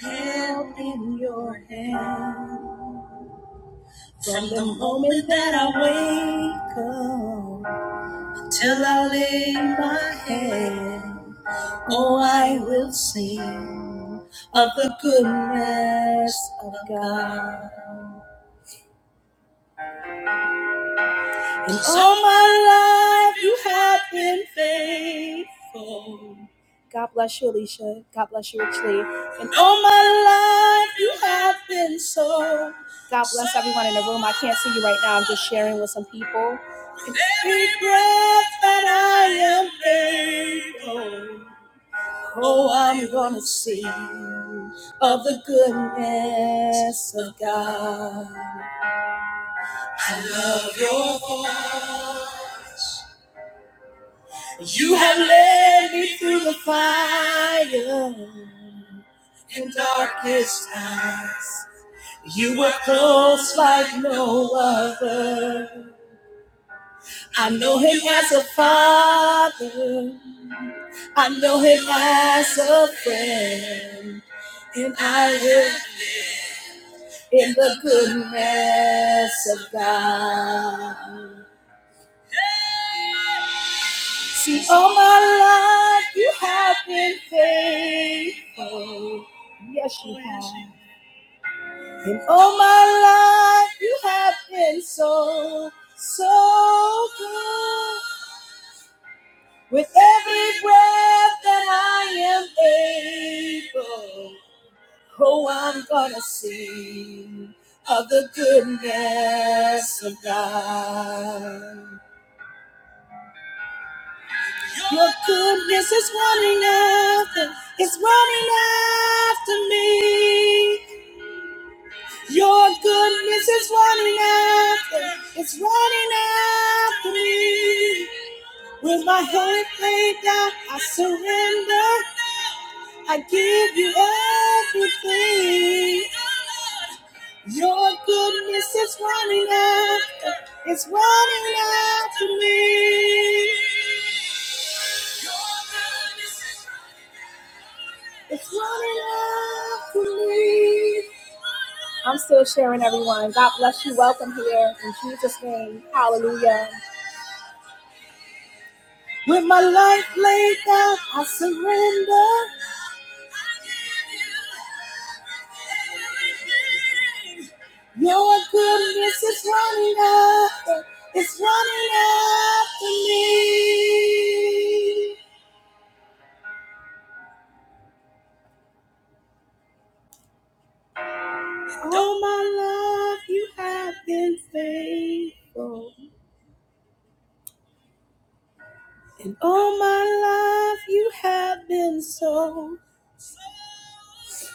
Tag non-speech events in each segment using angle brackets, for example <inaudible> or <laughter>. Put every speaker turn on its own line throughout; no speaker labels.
help in your hand. From the moment that I wake up till I lay my head, oh, I will sing of the goodness of God. And all my life you have been faithful. God bless you, Alicia. God bless you, Richly. And all my life you have been so. God bless everyone in the room. I can't see you right now. I'm just sharing with some people. And every breath that I am able, oh, I'm gonna sing of the goodness of God. I love your voice. You have led me through the fire and darkest times. You were close like no other. I know him as a father. I know him as a friend. And I live in the goodness of God. See, all my life you have been faithful. Yes, you have. And all my life you have been so, so good. With every breath that I am able, oh, I'm gonna sing of the goodness of God. Your goodness is running after, it's running after me. Your goodness is running after, it's running after me. With my head laid down, I surrender. I give you everything. Your goodness is running after, it's running after me. It's running after me. I'm still sharing, everyone. God bless you. Welcome here in Jesus' name. Hallelujah. With my life laid down, I surrender. Your goodness is running after, it's running after me. All my life you have been faithful, and all my life you have been so. so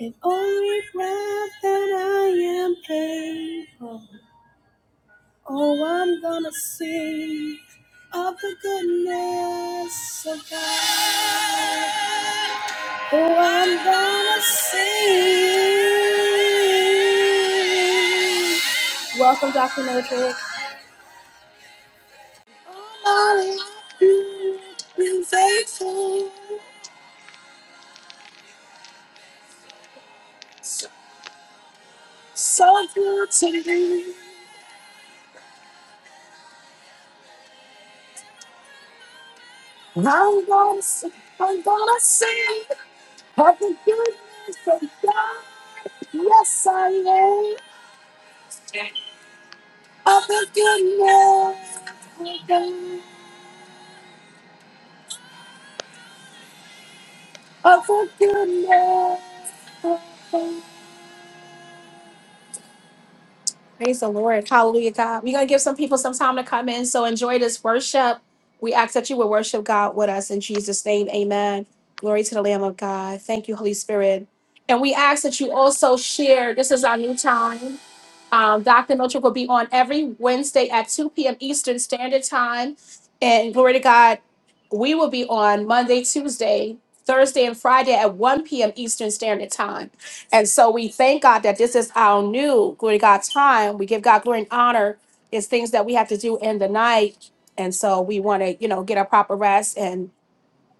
And only breath that I am able, oh, I'm gonna sing of the goodness of God. Oh, I'm gonna sing. Welcome, Dr. Mildred. Oh, Lord, you've been faithful, so, so good to me. I'm gonna sing, I'm gonna sing. Of the goodness of God. Yes, I am. Hallelujah. Hallelujah. Praise the Lord. Hallelujah, God. We're going to give some people some time to come in. So enjoy this worship. We ask that you would worship God with us in Jesus' name. Amen. Glory to the Lamb of God. Thank you, Holy Spirit. And we ask that you also share. This is our new time. Um, Dr. Miltrick will be on every Wednesday at 2 p.m. Eastern Standard Time. And glory to God, we will be on Monday, Tuesday, Thursday, and Friday at 1 p.m. Eastern Standard Time. And so we thank God that this is our new glory to God time. We give God glory and honor. It's things that we have to do in the night. And so we want to, you know, get a proper rest. and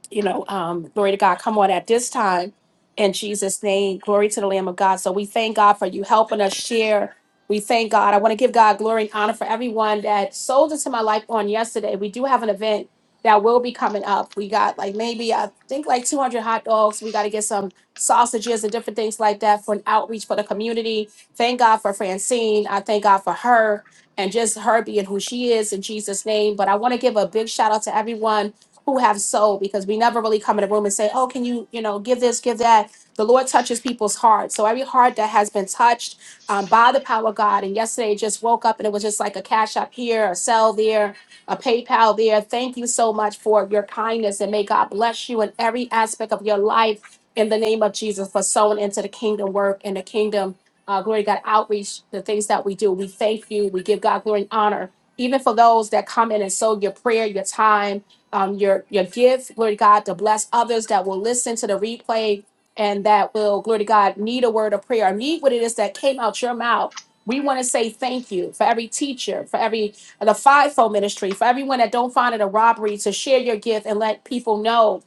you know, um, glory to God, come on at this time in Jesus' name. Glory to the Lamb of God. So we thank God for you helping us share. We thank God. I want to give God glory and honor for everyone that sold into my life on yesterday. We do have an event that will be coming up. We got like maybe, I think, like 200 hot dogs. We got to get some sausages and different things like that for an outreach for the community. Thank God for Francine. I thank God for her and just her being who she is in Jesus' name. But I want to give a big shout out to everyone who have soul because we never really come in a room and say, oh, can you, you know, give this, give that. The Lord touches people's hearts. So every heart that has been touched um, by the power of God, and yesterday it just woke up and it was just like a cash up here, a sell there, a PayPal there. Thank you so much for your kindness and may God bless you in every aspect of your life in the name of Jesus for sowing into the kingdom work and the kingdom. Uh, glory to God outreach, the things that we do. We thank you. We give God glory and honor. Even for those that come in and sow your prayer, your time, um, your your gift, glory to God, to bless others that will listen to the replay and that will, glory to God, need a word of prayer, need what it is that came out your mouth. We want to say thank you for every teacher, for every the fivefold ministry, for everyone that don't find it a robbery to share your gift and let people know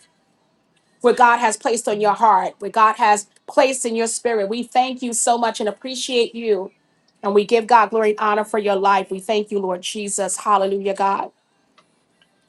what God has placed on your heart, what God has placed in your spirit. We thank you so much and appreciate you. And we give God glory and honor for your life. We thank you, Lord Jesus. Hallelujah, God.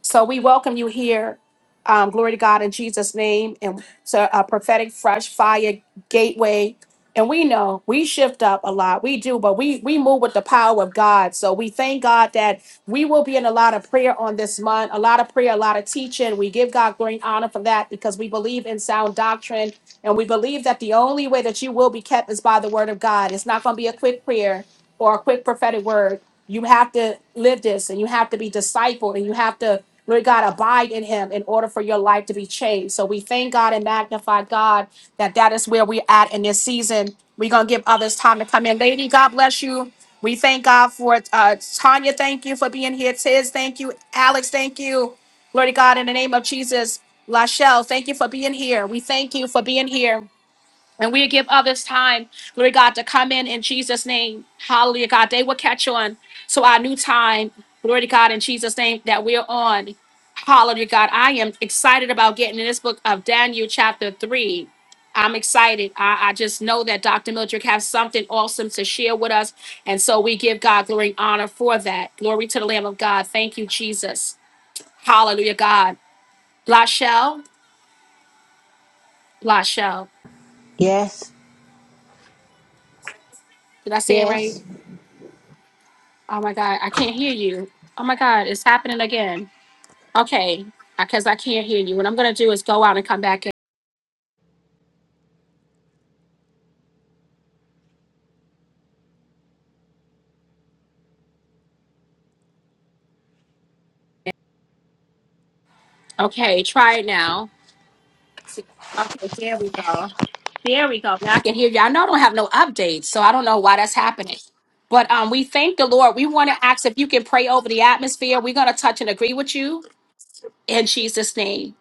So we welcome you here. Um, glory to God in Jesus' name and to a prophetic fresh fire gateway. And we know we shift up a lot. We do, but we we move with the power of God. So we thank God that we will be in a lot of prayer on this month, a lot of prayer, a lot of teaching. We give God glory and honor for that because we believe in sound doctrine. And we believe that the only way that you will be kept is by the word of God. It's not going to be a quick prayer or a quick prophetic word. You have to live this and you have to be discipled and you have to, Lord God, abide in him in order for your life to be changed. So we thank God and magnify God that that is where we're at in this season. We're going to give others time to come in. Lady, God bless you. We thank God for it. Uh, Tanya, thank you for being here. Tiz, thank you. Alex, thank you. Glory to God in the name of Jesus. Lachelle, thank you for being here. We thank you for being here. And we give others time, glory God, to come in in Jesus' name. Hallelujah, God. They will catch on to our new time, glory to God, in Jesus' name that we're on. Hallelujah, God. I am excited about getting in this book of Daniel, chapter 3. I'm excited. I, I just know that Dr. Mildred has something awesome to share with us. And so we give God glory and honor for that. Glory to the Lamb of God. Thank you, Jesus. Hallelujah, God. Blashel, Blashel.
Yes,
Did I say it right?
yes,
Oh my God, I can't hear you. Oh my God, it's happening again. Okay, because I can't hear you. What I'm going to do is go out and come back in. Okay, try it now. Okay, there we go. There we go. Now I can hear you. I know I don't have no updates, so I don't know why that's happening. But um, we thank the Lord. We want to ask if you can pray over the atmosphere. We're going to touch and agree with you in Jesus' name.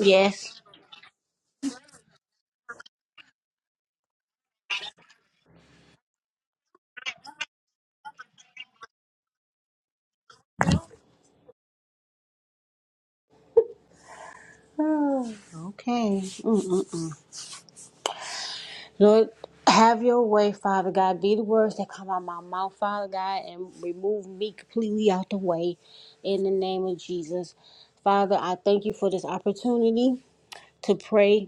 yes. Oh, Okay. Lord, have your way, Father God. Be the words that come out my mouth, Father God, and remove me completely out the way in the name of Jesus. Father, I thank you for this opportunity to pray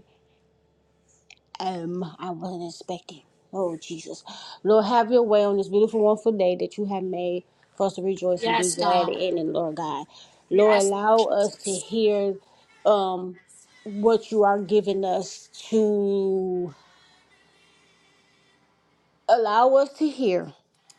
Um, I wasn't expecting. Oh Jesus, Lord, have Your way on this beautiful, wonderful day that You have made for us to rejoice and be
Yes,
glad
God.
in it, Lord God. Lord,
Yes,
allow us to
Jesus.
hear, um, what You are giving us to allow us to hear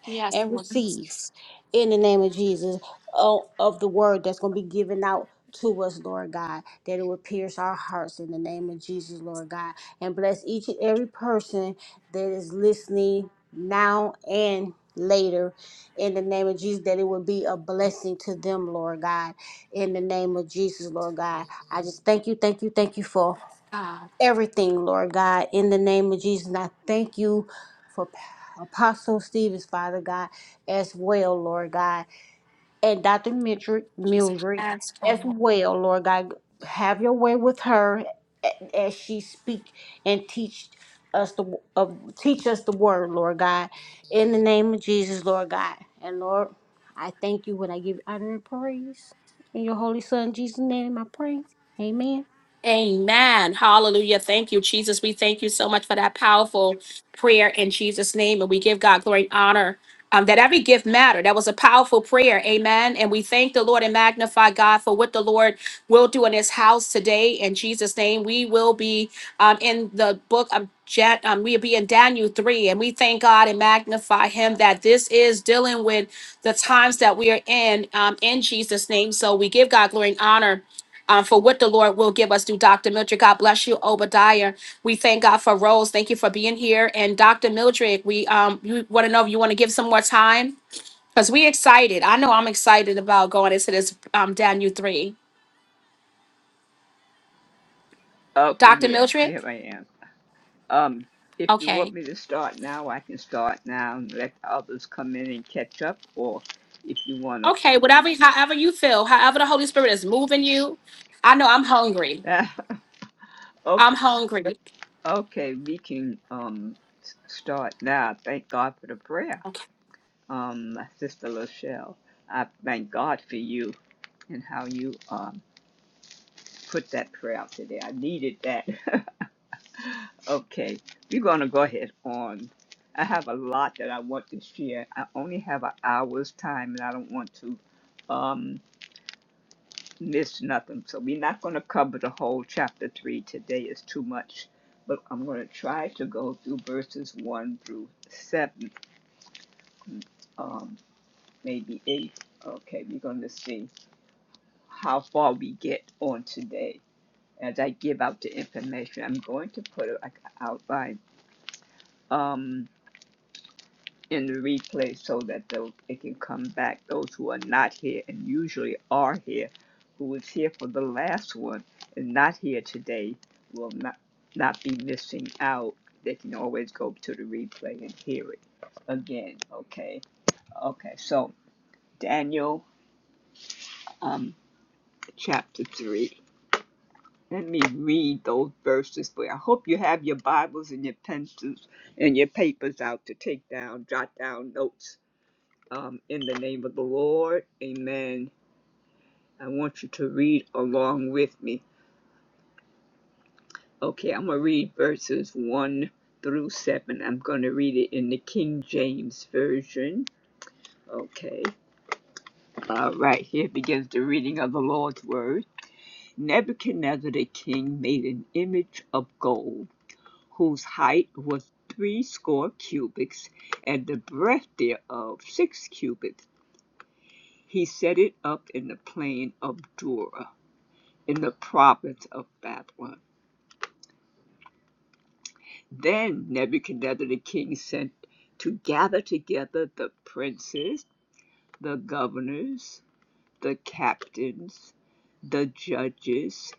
Yes,
and
Lord.
receive
Yes,
in the name of Jesus o- of the word that's going to be given out to us, Lord God, that it will pierce our hearts in the name of Jesus, Lord God, and bless each and every person that is listening now and later in the name of Jesus, that it will be a blessing to them, Lord God, in the name of Jesus, Lord God. I just thank you, thank you, thank you for
God.
everything, Lord God, in the name of Jesus. And I thank you for Apostle Stevens, Father God, as well, Lord God, and Dr. Mildred,
Jesus.
Mildred
Yes,
as
God.
well, Lord God. Have your way with her a- as she speak and teach us the of teach us the word, Lord God, in the name of Jesus, Lord God, and Lord, I thank you when I give you honor and praise in your holy Son Jesus' name. I pray, Amen.
Amen. Hallelujah. Thank you, Jesus. We thank you so much for that powerful prayer in Jesus' name. And we give God glory and honor um, that every gift mattered. That was a powerful prayer. Amen. And we thank the Lord and magnify God for what the Lord will do in his house today. In Jesus' name, we will be um, in the book of Jan- um, we'll be in Daniel 3, and we thank God and magnify Him that this is dealing with the times that we are in, um, in Jesus' name. So we give God glory and honor um, for what the Lord will give us through Dr. Mildred. God bless you, Obadiah. We thank God for Rose. Thank you for being here. And Dr. Mildred, we um, you want to know if you want to give some more time because we excited. I know I'm excited about going into this um, Daniel three.
Okay,
Dr.
yeah,
Mildred,
here I am. Um, if you want
okay,
me to start now, I can start now and let others come in and catch up, or if you want
okay, whatever, however you feel, however the Holy Spirit is moving you. I know I'm hungry.
to. <laughs> okay,
I'm hungry.
okay, we can um start now. Thank God for the prayer, um, my sister Lachelle. I thank God for you and how you um put that prayer out today. I needed that. <laughs> Okay, we're going to go ahead on. I have a lot that I want to share. I only have an hour's time and I don't want to um, miss nothing. So we're not going to cover the whole chapter 3 today. It's too much. But I'm going to try to go through verses 1 through 7, um, maybe 8. Okay, we're going to see how far we get on today. As I give out the information, I'm going to put it like an outline. Um, in the replay so that those, it can come back. Those who are not here and usually are here, who was here for the last one and not here today, will not not be missing out. They can always go to the replay and hear it again. Okay, okay. So Daniel, um, chapter three. Let me read those verses for you. I hope you have your Bibles and your pencils and your papers out to take down, jot down notes um, in the name of the Lord. Amen. I want you to read along with me. Okay, I'm going to read verses 1 through 7. I'm going to read it in the King James Version. Okay. All right, here begins the reading of the Lord's Word. Nebuchadnezzar the king made an image of gold, whose height was three score cubits, and the breadth thereof six cubits. He set it up in the plain of Dura in the province of Babylon. Then Nebuchadnezzar the king sent to gather together the princes, the governors, the captains, the judges,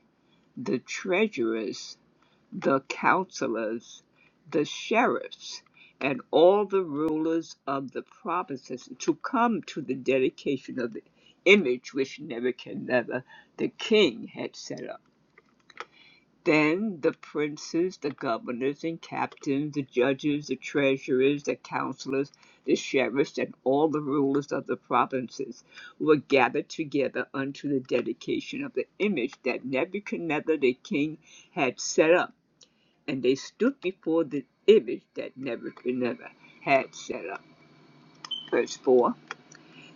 the treasurers, the counselors, the sheriffs, and all the rulers of the provinces to come to the dedication of the image which Nebuchadnezzar the king had set up. Then the princes, the governors and captains, the judges, the treasurers, the counselors, the sheriffs, and all the rulers of the provinces were gathered together unto the dedication of the image that Nebuchadnezzar the king had set up. And they stood before the image that Nebuchadnezzar had set up. Verse 4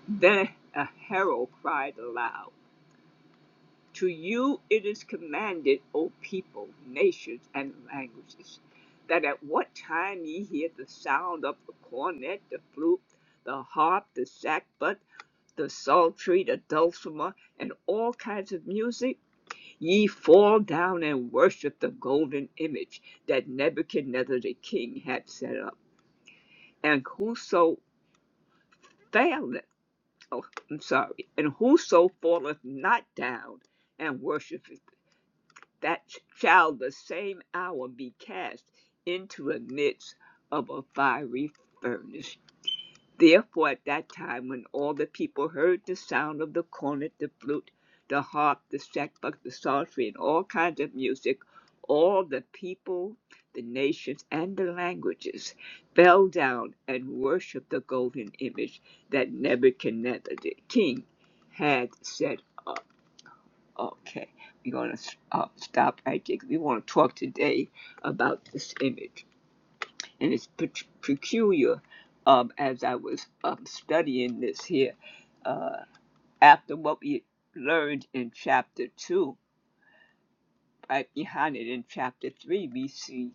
Then a herald cried aloud. To you it is commanded, O people, nations, and languages, that at what time ye hear the sound of the cornet, the flute, the harp, the sackbut, the psaltery, the dulcimer, and all kinds of music, ye fall down and worship the golden image that Nebuchadnezzar the king had set up. And whoso faileth, oh, I'm sorry, and whoso falleth not down and worshipeth that shall the same hour be cast into the midst of a fiery furnace. Therefore, at that time, when all the people heard the sound of the cornet, the flute, the harp, the sackbut, the psaltery, and all kinds of music, all the people, the nations, and the languages fell down and worshipped the golden image that Nebuchadnezzar the king had set up. Okay, we're going to uh, stop right there. 'cause We want to talk today about this image. And it's peculiar um, as I was um, studying this here. Uh, after what we learned in chapter 2, right behind it in chapter 3, we see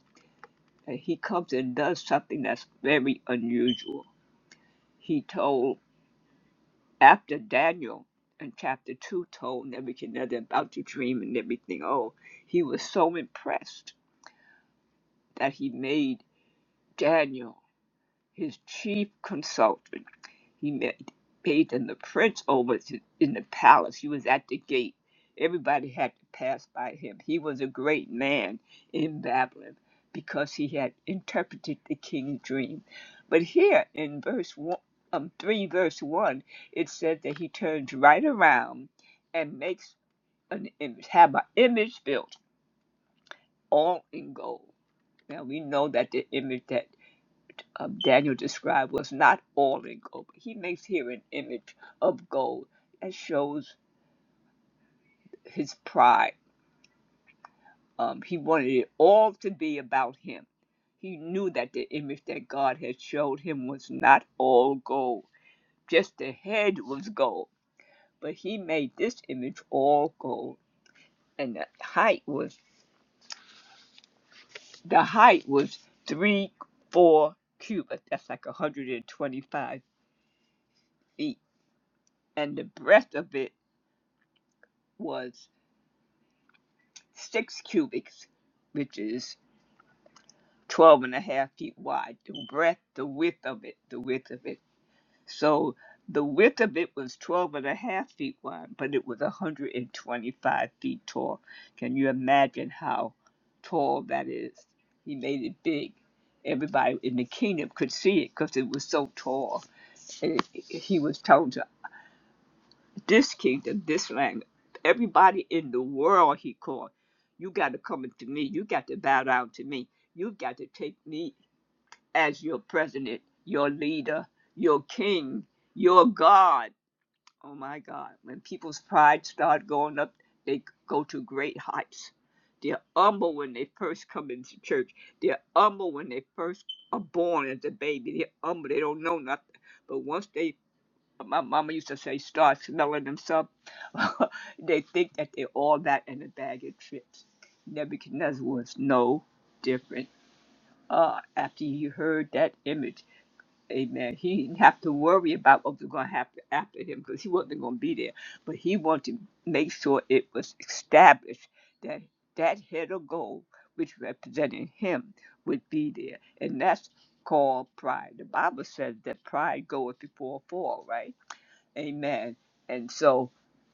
that he comes and does something that's very unusual. He told, after Daniel in chapter 2 told Nebuchadnezzar about the dream and everything, oh, he was so impressed that he made Daniel his chief consultant. He made, made him the prince over to, in the palace. He was at the gate. Everybody had to pass by him. He was a great man in Babylon because he had interpreted the king's dream. But here in verse one, um, 3, verse 1, it said that he turns right around and makes an image, have an image built all in gold. Now we know that the image that um, Daniel described was not all in gold, but he makes here an image of gold that shows his pride. Um, he wanted it all to be about him. He knew that the image that God had showed him was not all gold, just the head was gold, but he made this image all gold, and the height was the height was three four cubits. That's like 125 feet, and the breadth of it was six cubits, which is 12 and a half feet wide, the breadth, the width of it, the width of it. So the width of it was 12 and a half feet wide, but it was 125 feet tall. Can you imagine how tall that is? He made it big. Everybody in the kingdom could see it because it was so tall. And he was told to this kingdom, this land, everybody in the world, he called. You got to come to me. You got to bow down to me. You got to take me as your president, your leader, your king, your God. Oh my God. When people's pride start going up, they go to great heights. They're humble when they first come into church. They're humble when they first are born as a baby. They're humble. They don't know nothing. But once they but my mama used to say, start smelling themselves. <laughs> they think that they're all that in a bag of tricks. Nebuchadnezzar was no different. Uh, after he heard that image, amen, he didn't have to worry about what was going to happen after him because he wasn't going to be there. But he wanted to make sure it was established that that head of gold, which represented him, would be there. And that's called pride. The Bible says that pride goeth before a fall, right? Amen. And so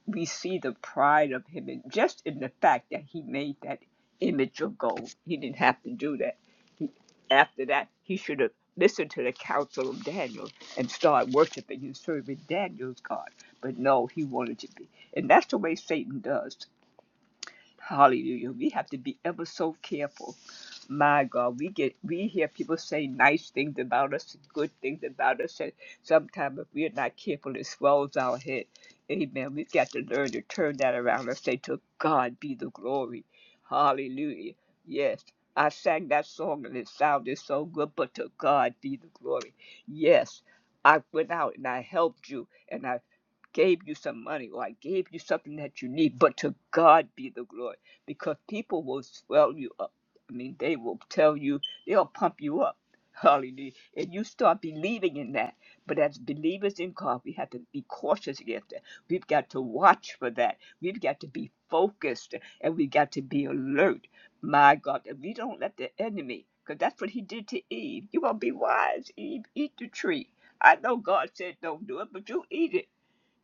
we see the pride of him and just in the fact that he made that image of gold. He didn't have to do that. After that, he should have listened to the counsel of Daniel and started worshiping and serving Daniel's God. But no, he wanted to be. And that's the way Satan does. Hallelujah. We have to be ever so careful. My God, we get we hear people say nice things about us, and good things about us, and sometimes if we're not careful, it swells our head. Amen. We've got to learn to turn that around and say, "To God be the glory." Hallelujah. Yes, I sang that song and it sounded so good, but to God be the glory. Yes, I went out and I helped you, and I gave you some money or I gave you something that you need, but to God be the glory because people will swell you up. I mean, they will tell you, they'll pump you up. Hallelujah. And you start believing in that. But as believers in God, we have to be cautious against that. We've got to watch for that. We've got to be focused and we've got to be alert. My God, if we don't let the enemy, because that's what he did to Eve. You want to be wise, Eve. Eat the tree. I know God said don't do it, but you eat it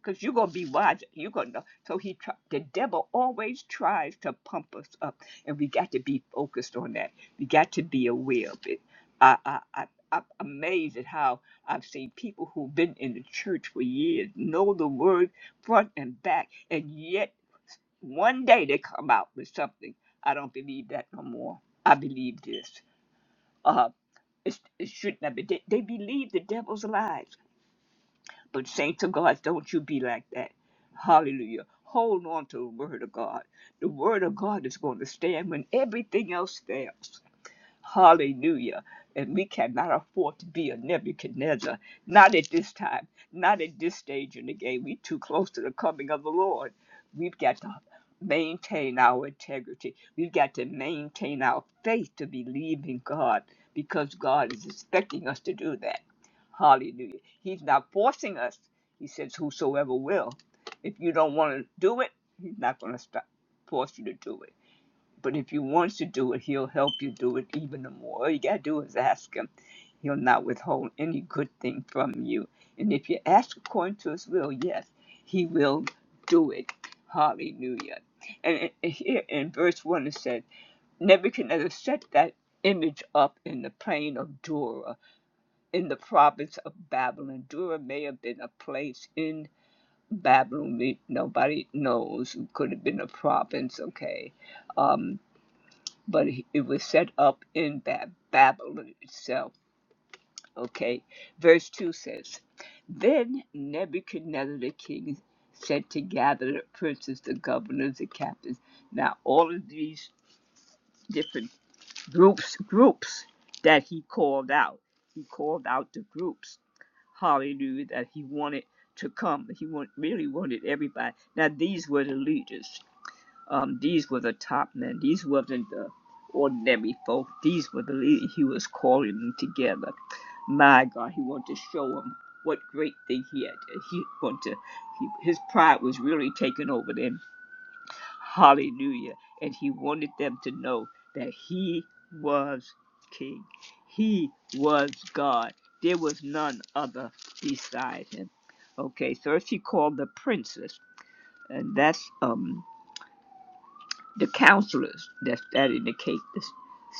because you're gonna be wise. You're gonna know. So he try, the devil always tries to pump us up, and we got to be focused on that. We got to be aware of it. I I. I I'm amazed at how I've seen people who've been in the church for years know the word front and back, and yet one day they come out with something. I don't believe that no more. I believe this. Uh, it, it shouldn't have been. They, they believe the devil's lies but saints of God, don't you be like that. Hallelujah. Hold on to the word of God. The word of God is going to stand when everything else fails. Hallelujah. And we cannot afford to be a Nebuchadnezzar. Not at this time. Not at this stage in the game. We're too close to the coming of the Lord. We've got to maintain our integrity. We've got to maintain our faith to believe in God because God is expecting us to do that. Hallelujah. He's not forcing us. He says, Whosoever will. If you don't want to do it, He's not going to stop, force you to do it. But if you want to do it, he'll help you do it even the more. All you gotta do is ask him. He'll not withhold any good thing from you. And if you ask according to his will, yes, he will do it. Hallelujah. And here in verse 1 it says, Nebuchadnezzar set that image up in the plain of Dura in the province of Babylon. Dura may have been a place in Babylon. Nobody knows. It could have been a province, okay? Um, but it was set up in Bab- Babylon itself. Okay, verse 2 says, Then Nebuchadnezzar the king sent to gather the princes, the governors, the captains. Now, all of these different groups, groups that he called out, he called out the groups, hallelujah, that he wanted to come. He want, really wanted everybody. Now, these were the leaders. Um, these were the top men. These wasn't the ordinary folk. These were the leaders. He was calling them together. My God, he wanted to show them what great thing he had. He wanted to, he, his pride was really taking over them. Hallelujah. And he wanted them to know that he was king. He was God. There was none other beside him. Okay, so she called the princess, and that's um the counselors that indicate the case, the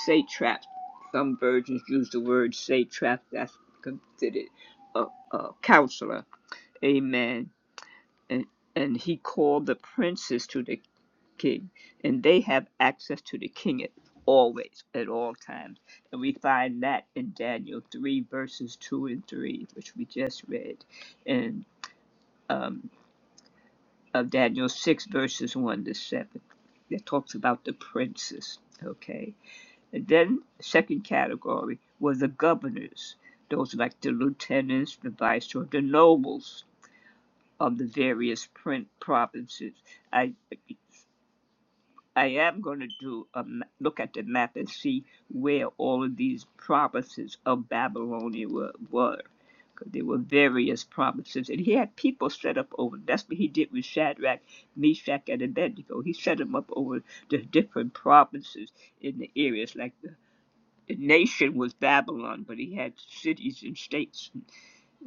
satraps, some versions use the word satrap, that's considered a, a counselor. Amen. And, and he called the princes to the king, and they have access to the king at always, at all times. And we find that in Daniel 3, verses 2 and 3, which we just read, and um, of Daniel 6, verses 1 to 7, that talks about the princes. Okay. And then the second category were the governors, those like the lieutenants, the viceroy, the nobles of the various print provinces. I I am going to do a ma- look at the map and see where all of these provinces of Babylonia were. were. 'Cause There were various provinces, and he had people set up over. That's what he did with Shadrach, Meshach, and Abednego. He set them up over the different provinces in the areas like the nation was Babylon, but he had cities and states and,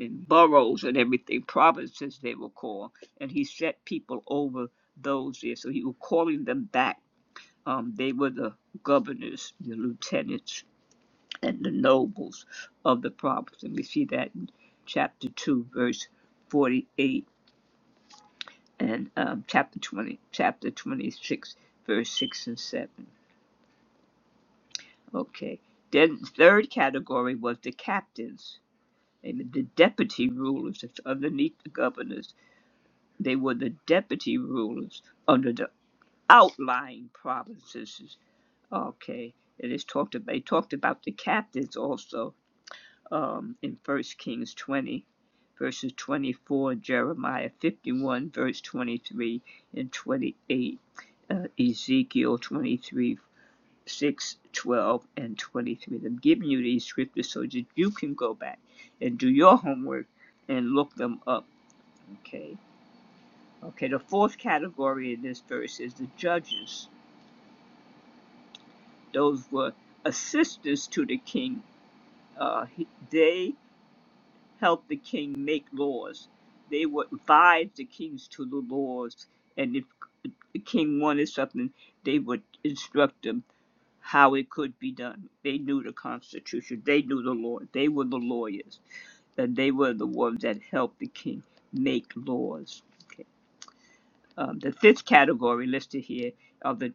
and boroughs and everything, provinces they were called, and he set people over those there. So he was calling them back. Um, they were the governors, the lieutenants, and the nobles of the province, and we see that in chapter two, verse forty-eight, and um, chapter twenty, chapter twenty-six, verse six and seven. Okay. Then the third category was the captains Amen. The deputy rulers underneath the governors, they were the deputy rulers under the outlying provinces. Okay. It is talked about, they talked about the captains also um, in First Kings 20, verses 24, Jeremiah 51, verse 23 and 28, uh, Ezekiel 23, 6, 12, and 23. I'm giving you these scriptures so that you can go back and do your homework and look them up. Okay. Okay. The fourth category in this verse is the judges. Those were assistants to the king. Uh, he- they helped the king make laws. They would advise the kings to the laws. And if the king wanted something, they would instruct them how it could be done. They knew the Constitution. They knew the law. They were the lawyers, and they were the ones that helped the king make laws. Okay. Um, the fifth category listed here are the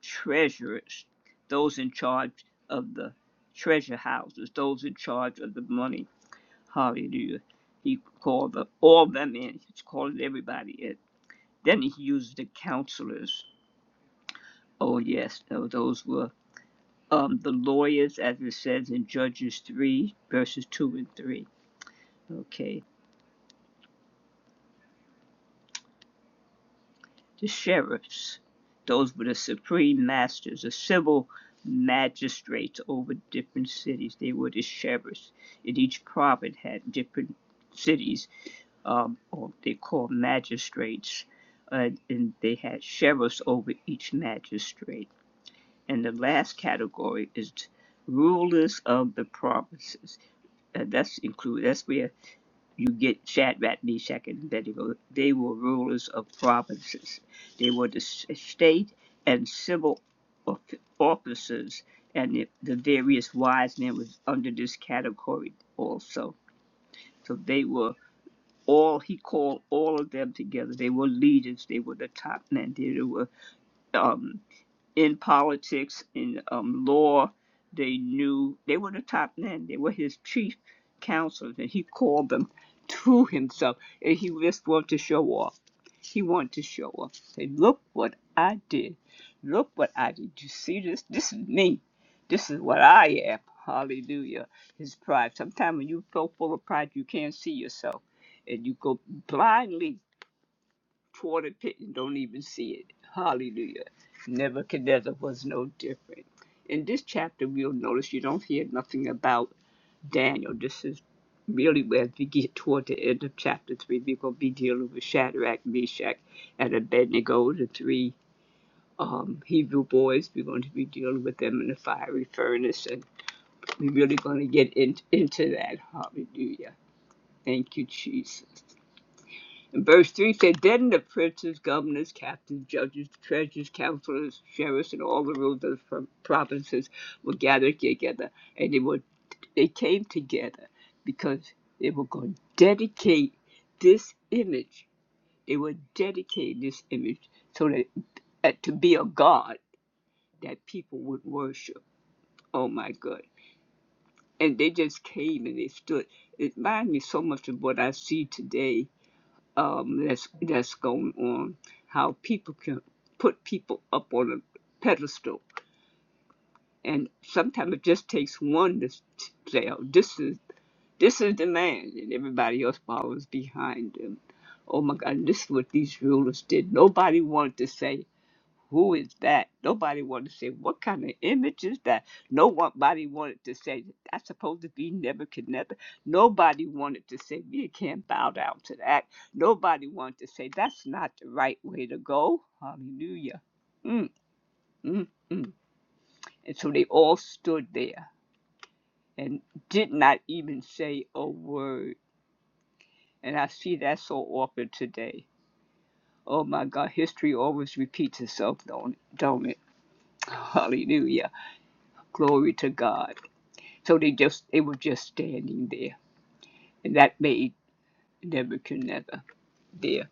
treasurers, those in charge of the treasure houses, those in charge of the money. Hallelujah. He called the, all them in. He's calling everybody in. Then he used the counselors. Oh, yes, tho- those were um, the lawyers, as it says in Judges 3, verses 2 and 3. Okay. The sheriffs, those were the supreme masters, the civil magistrates over different cities. They were the sheriffs. And each province had different cities, um, or they called magistrates, uh, and they had sheriffs over each magistrate. And the last category is rulers of the provinces. And that's include. That's where you get Shadrach, Meshach, and Abednego. They were rulers of provinces. They were the state and civil officers, and the, the various wise men was under this category also. So they were all he called all of them together. They were leaders. They were the top men. They were um, in politics, in um, law. They knew they were the top men. They were his chief counselors, and he called them <laughs> to himself. And he just wanted to show off. He wanted to show off. Say, look what I did. Look what I did. You see this? This is me. This is what I am. Hallelujah. His pride. Sometimes when you're so full of pride, you can't see yourself. And you go blindly toward the pit and don't even see it. Hallelujah. Nebuchadnezzar was no different. In this chapter, we'll notice you don't hear nothing about Daniel. This is really where we get toward the end of chapter 3. We're going to be dealing with Shadrach, Meshach, and Abednego, the three um, Hebrew boys. We're going to be dealing with them in the fiery furnace, and we're really going to get in, into that. Hallelujah. Thank you, Jesus. And verse 3 said, Then the princes, governors, captains, judges, treasurers, counselors, sheriffs, and all the rulers of the provinces were gathered together. And they, were, they came together because they were going to dedicate this image. They were dedicating this image so that uh, to be a god that people would worship. Oh my God. And they just came and they stood. It reminds me so much of what I see today um, that's that's going on. How people can put people up on a pedestal, and sometimes it just takes one to say, "Oh, this is this is the man," and everybody else follows behind him. Oh my God, this is what these rulers did. Nobody wanted to say. Who is that? Nobody wanted to say, What kind of image is that? No Nobody wanted to say, That's supposed to be Nebuchadnezzar. Nobody wanted to say, We can't bow down to that. Nobody wanted to say, That's not the right way to go. Hallelujah. Mm, mm, mm. And so they all stood there and did not even say a word. And I see that so often today. Oh my God, history always repeats itself, don't it? Don't it? Hallelujah. Glory to God. So they just they were just standing there, and that made Nebuchadnezzar there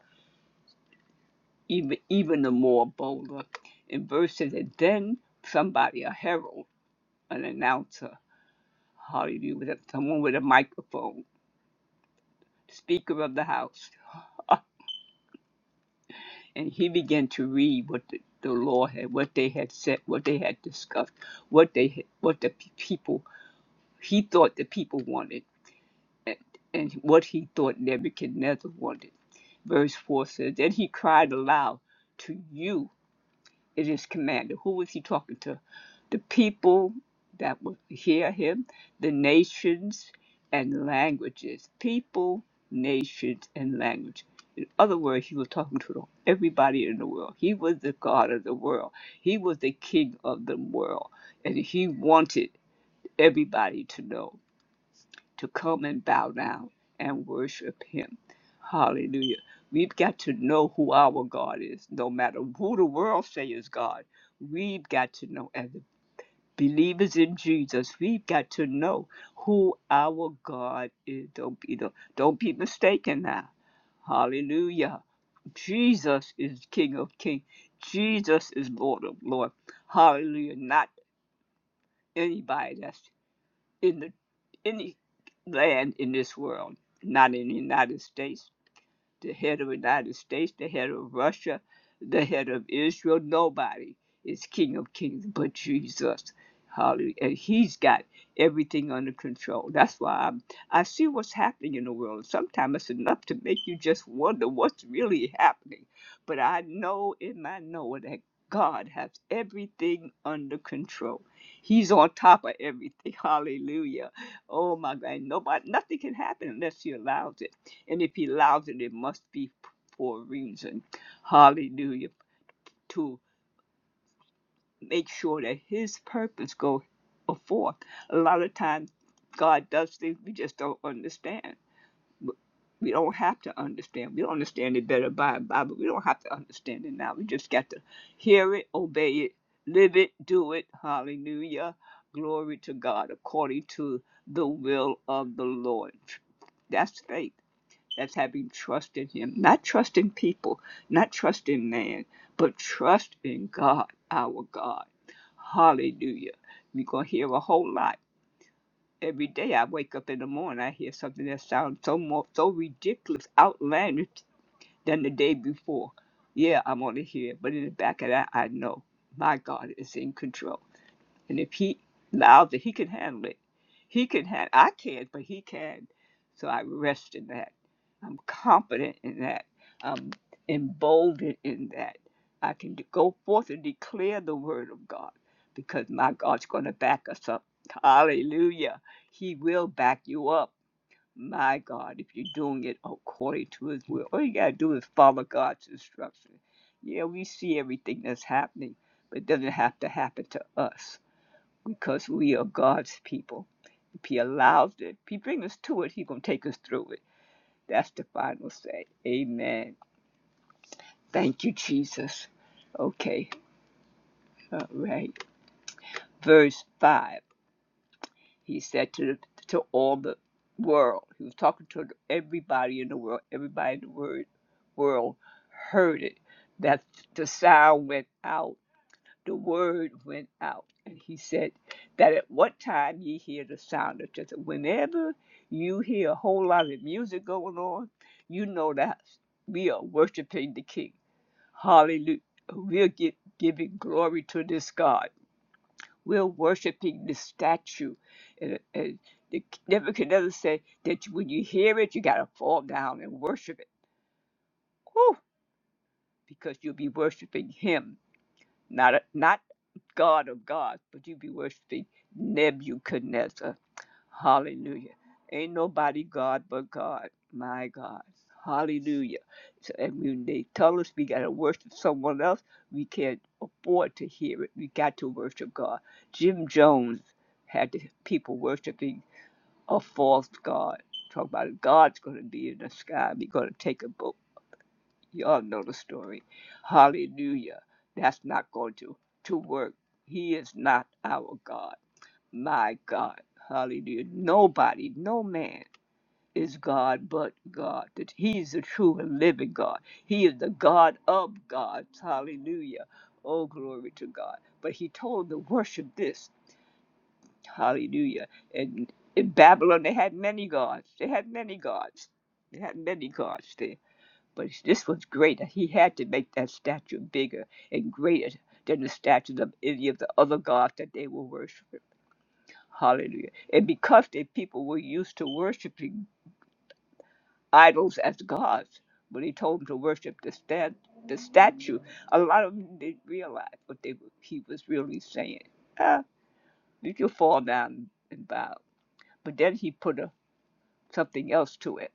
even even the more bolder. In verse says that then somebody, a herald, an announcer, hallelujah, with a, someone with a microphone, speaker of the house, and he began to read what the, the law had, what they had said, what they had discussed, what they had, what the people he thought the people wanted and what he thought Nebuchadnezzar wanted. Verse 4 says, then he cried aloud to you, it is commander. Who was he talking to? The people that would hear him, the nations and languages. People, nations, and language. In other words, he was talking to everybody in the world. He was the God of the world. He was the king of the world. And he wanted everybody to know to come and bow down and worship him. Hallelujah. We've got to know who our God is, no matter who the world say is God. We've got to know, as believers in Jesus, we've got to know who our God is. Don't be, don't be mistaken now. Hallelujah. Jesus is King of Kings. Jesus is Lord of Lords. Hallelujah. Not anybody. that's in the any land in this world, not in the United States the head of the United States, the head of Russia, the head of Israel. Nobody is King of Kings but Jesus. Hallelujah. And he's got everything under control. That's why I'm, I see what's happening in the world. Sometimes it's enough to make you just wonder what's really happening. But I know in my know that God has everything under control. He's on top of everything. <laughs> Hallelujah. Oh my God. Nobody nothing can happen unless he allows it. And if he allows it, it must be for a reason. Hallelujah. To make sure that his purpose goes forth. A lot of times God does things we just don't understand. We don't have to understand. We don't understand it better by and by, but we don't have to understand it now. We just got to hear it, obey it, live it, do it. Hallelujah. Glory to God according to the will of the Lord. That's faith That's having trust in Him, not trust in people, not trust in man, but trust in God, our God. Hallelujah. You're going to hear a whole lot. Every day I wake up in the morning, I hear something that sounds so more, so ridiculous, outlandish than the day before. Yeah, I'm going to hear it, but in the back of that, I know my God is in control. And if he allows it, he can handle it. He can handle I can't, but he can. So I rest in that. I'm confident in that. I'm emboldened in that. I can go forth and declare the word of God because my God's going to back us up. Hallelujah. He will back you up. My God, if you're doing it according to His will, all you got to do is follow God's instruction. Yeah, we see everything that's happening, but it doesn't have to happen to us because we are God's people. If He allows it, if He brings us to it, He gonna take us through it. That's the final say. Amen. Thank you, Jesus. Okay, all right. Verse five. He said to the, to all the world. He was talking to everybody in the world. Everybody in the word, world heard it. That the sound went out the word went out. And he said that at what time ye hear the sound of trumpet. Whenever you hear a whole lot of music going on, you know that we are worshiping the King. Hallelujah. We're gi- giving glory to this God. We're worshiping this statue. And, and the, Nebuchadnezzar said that when you hear it, you got to fall down and worship it. Whew! Because you'll be worshiping him. not a, not God of gods, but you be worshiping Nebuchadnezzar. Hallelujah. Ain't nobody God but God. My God. Hallelujah. So, and when they tell us we got to worship someone else, we can't afford to hear it. We got to worship God. Jim Jones had the people worshiping a false God. Talk about God's going to be in the sky. We're going to take a boat. Y'all know the story. Hallelujah. That's not going to, to work. He is not our God. My God. Hallelujah. Nobody, no man is God but God. That He is the true and living God. He is the God of gods. Hallelujah. Oh, glory to God. But he told them to worship this. Hallelujah. And in Babylon, they had many gods. They had many gods. They had many gods there but this was greater. He had to make that statue bigger and greater than the statues of any of the other gods that they were worshiping. Hallelujah. And because the people were used to worshiping idols as gods, when he told them to worship the, stat- the statue, a lot of them didn't realize what they were, he was really saying. Ah, you can fall down and bow. But then he put a, something else to it.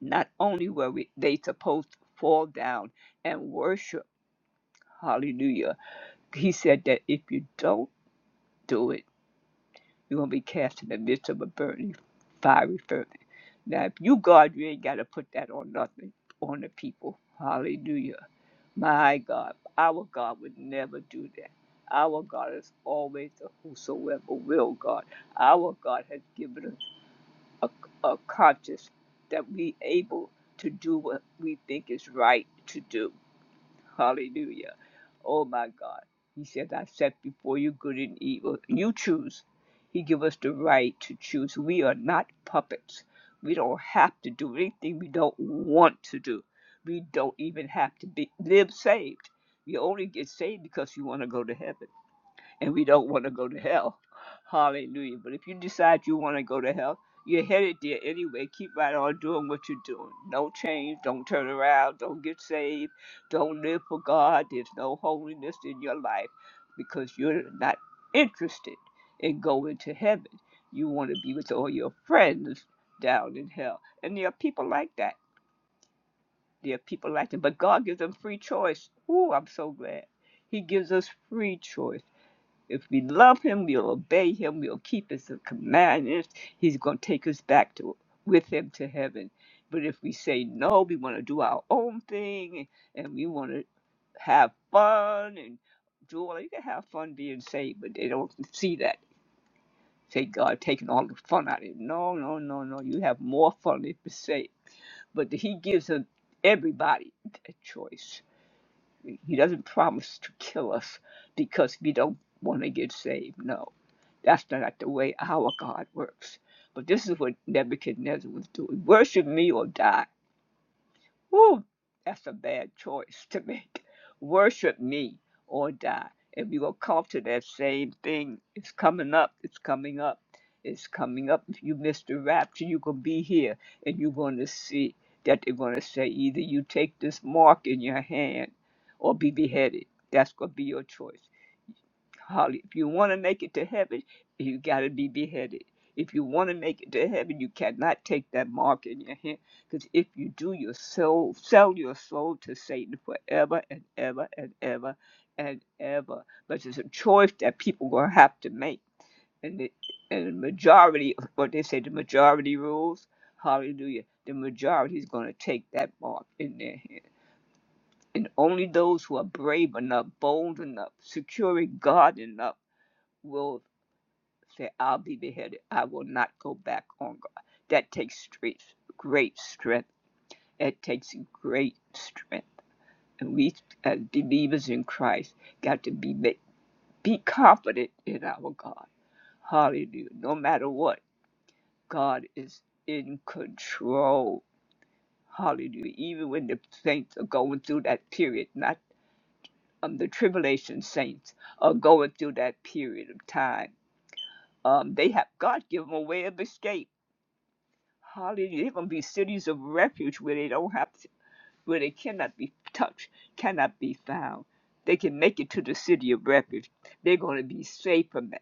Not only were we, they supposed to fall down and worship, hallelujah He said that if you don't do it, you're going to be cast in the midst of a burning, fiery furnace. Now, if you, God, you ain't got to put that on nothing, on the people. Hallelujah. My God, our God would never do that. Our God is always the whosoever will God. Our God has given us a, a conscience that we able to do what we think is right to do. <laughs> Hallelujah. Oh my God. He says, I set before you good and evil. You choose. He give us the right to choose. We are not puppets. We don't have to do anything we don't want to do. We don't even have to be live saved. You only get saved because you want to go to heaven and we don't want to go to hell. Hallelujah. But if you decide you want to go to hell, you're headed there anyway. Keep right on doing what you're doing. No change. Don't turn around. Don't get saved. Don't live for God. There's no holiness in your life because you're not interested in going to heaven. You want to be with all your friends down in hell. And there are people like that. There are people like that. But God gives them free choice. Ooh, I'm so glad. He gives us free choice if we love him, we'll obey him, we'll keep his commandments. He's going to take us back to with him to heaven. But if we say no, we want to do our own thing and we want to have fun and do all you can have fun being saved, but they don't see that. Say God taking all the fun out of it. No, no, no, no. You have more fun if you're saved. But he gives us everybody a choice. He doesn't promise to kill us because we don't want to get saved. No that's not like, the way our God works. But this is what Nebuchadnezzar was doing. Worship me or die. Whew, that's a bad choice to make. Worship me or die. And we will come to that same thing. It's coming up. It's coming up. It's coming up. If you miss the rapture, you're going to be here and you're going to see that they're going to say either you take this mark in your hand or be beheaded. That's going to be your choice. Holly, if you want to make it to heaven, you got to be beheaded. If you want to make it to heaven, you cannot take that mark in your hand. Because if you do, your soul, sell your soul to Satan forever and ever and ever and ever. But it's a choice that people are going to have to make. And the, and the majority, what they say, the majority rules, hallelujah, the majority is going to take that mark in their hand. And only those who are brave enough, bold enough, securing God enough, will Say, I'll be beheaded. I will not go back on God. That takes straight, great strength. It takes great strength. And we, as believers in Christ, got to be be confident in our God. Hallelujah. No matter what, God is in control. Hallelujah. Even when the saints are going through that period, not um, the tribulation saints are going through that period of time. Um, they have God give them a way of escape Hallelujah. They're going to be cities of refuge where they don't have to, where they cannot be touched, cannot be found. They can make it to the city of refuge. They're going to be safe from that.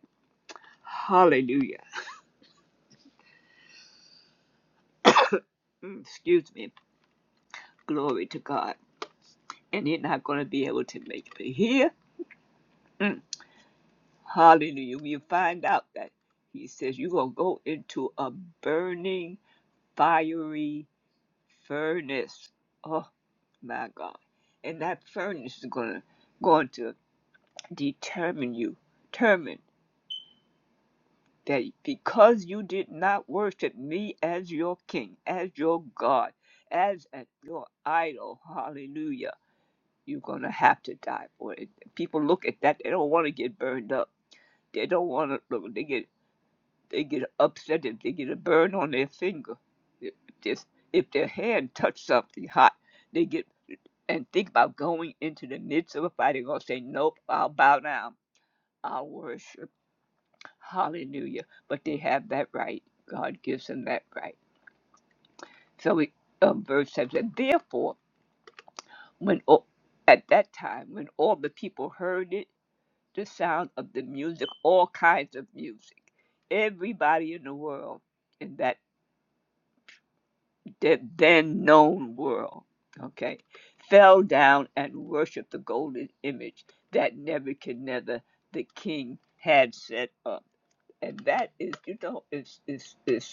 Hallelujah. Mm, excuse me. Glory to God. And they're not going to be able to make it. But here, mm, hallelujah, we find out that he says you're going to go into a burning, fiery furnace. Oh, my God. And that furnace is going to, going to determine you, determine that because you did not worship me as your king, as your God, as an- your idol, hallelujah, you're going to have to die for it. People look at that, they don't want to get burned up. They don't want to look, they get, they get upset if they get a burn on their finger. If, this, if their hand touched something hot, they get and think about going into the midst of a fight. They're going to say, Nope, I'll bow down, I'll worship. Hallelujah. But they have that right. God gives them that right. So it, um, verse 7 said, Therefore, when all, at that time, when all the people heard it, the sound of the music, all kinds of music, everybody in the world, in that de- then known world, okay, fell down and worshiped the golden image that Nebuchadnezzar the king had set up. And that is, you know, is is is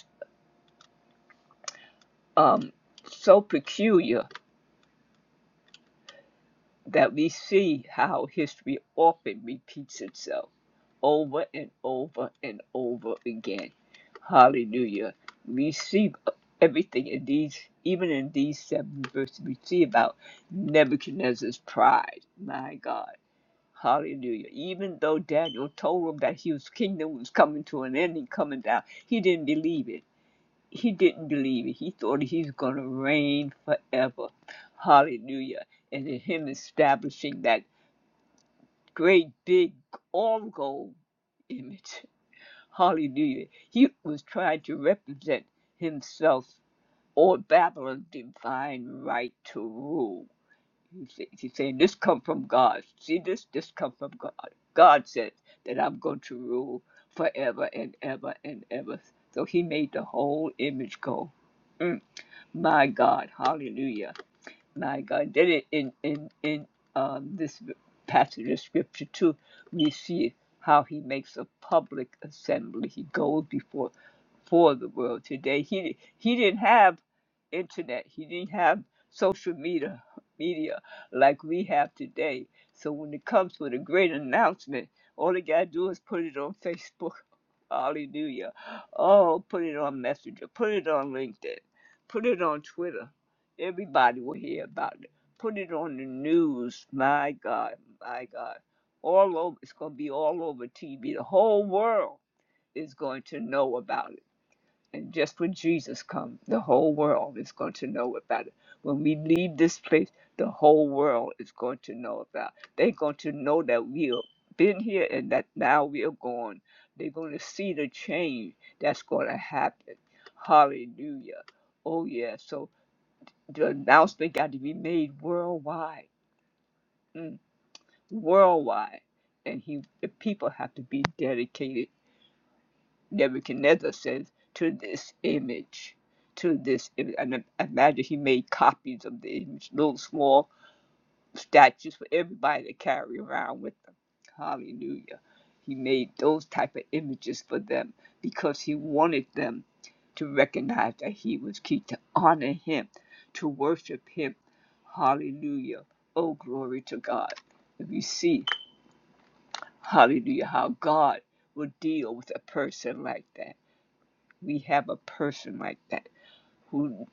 um, so peculiar that we see how history often repeats itself over and over and over again. Hallelujah. We see everything in these, even in these seven verses, we see about Nebuchadnezzar's pride. My God. Hallelujah. Even though Daniel told him that his kingdom was coming to an end and coming down, he didn't believe it. he didn't believe it. He thought he's going to reign forever. Hallelujah. And in him establishing that great big all gold image. Hallelujah. He was trying to represent himself or Babylon's divine right to rule. He's saying, This come from God. See this? This come from God. God said that I'm going to rule forever and ever and ever. So he made the whole image go. Mm. My God, hallelujah. My God, then it in in, in um, this passage of scripture too, we see how he makes a public assembly. He goes before for the world today. He he didn't have internet. He didn't have social media media like we have today. So when it comes with a great announcement, all he gotta do is put it on Facebook. Hallelujah. Oh, put it on Messenger. Put it on LinkedIn. Put it on Twitter Everybody will hear about it. Put it on the news. My God, my God. All over, it's going to be all over TV. The whole world is going to know about it. And just when Jesus comes, the whole world is going to know about it. When we leave this place, the whole world is going to know about it. They're going to know that we've been here and that now we are gone. They're going to see the change that's going to happen. Hallelujah. Oh, yeah. So the announcement got to be made worldwide, mm, worldwide, and he the people have to be dedicated. Nebuchadnezzar says to this image, to this image. And I imagine he made copies of the image, little small statues for everybody to carry around with them. Hallelujah. He made those type of images for them because he wanted them to recognize that he was king, to honor him, to worship him. Hallelujah. Oh, glory to God. If you see, hallelujah, how God will deal with a person like that. We have a person like that who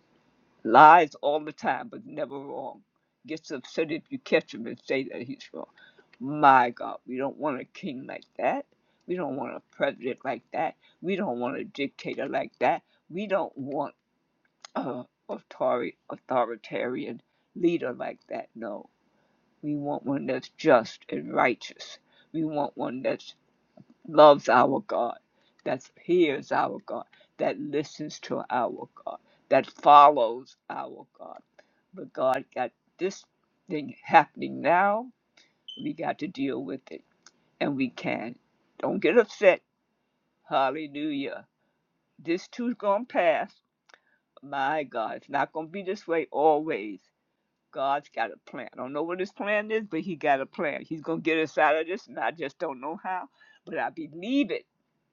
lies all the time, but never wrong. Gets upset if you catch him and say that he's wrong. My God, we don't want a king like that. We don't want a president like that. We don't want a dictator like that. We don't want a authori- authoritarian leader like that. No, we want one that's just and righteous. We want one that loves our God, that hears our God, that listens to our God, that follows our God but God got this thing happening now. We got to deal with it, and we can. Don't get upset. Hallelujah. This too's going to pass. My God, it's not going to be this way always. God's got a plan. I don't know what his plan is, but he got a plan. He's going to get us out of this, and I just don't know how. But I believe it.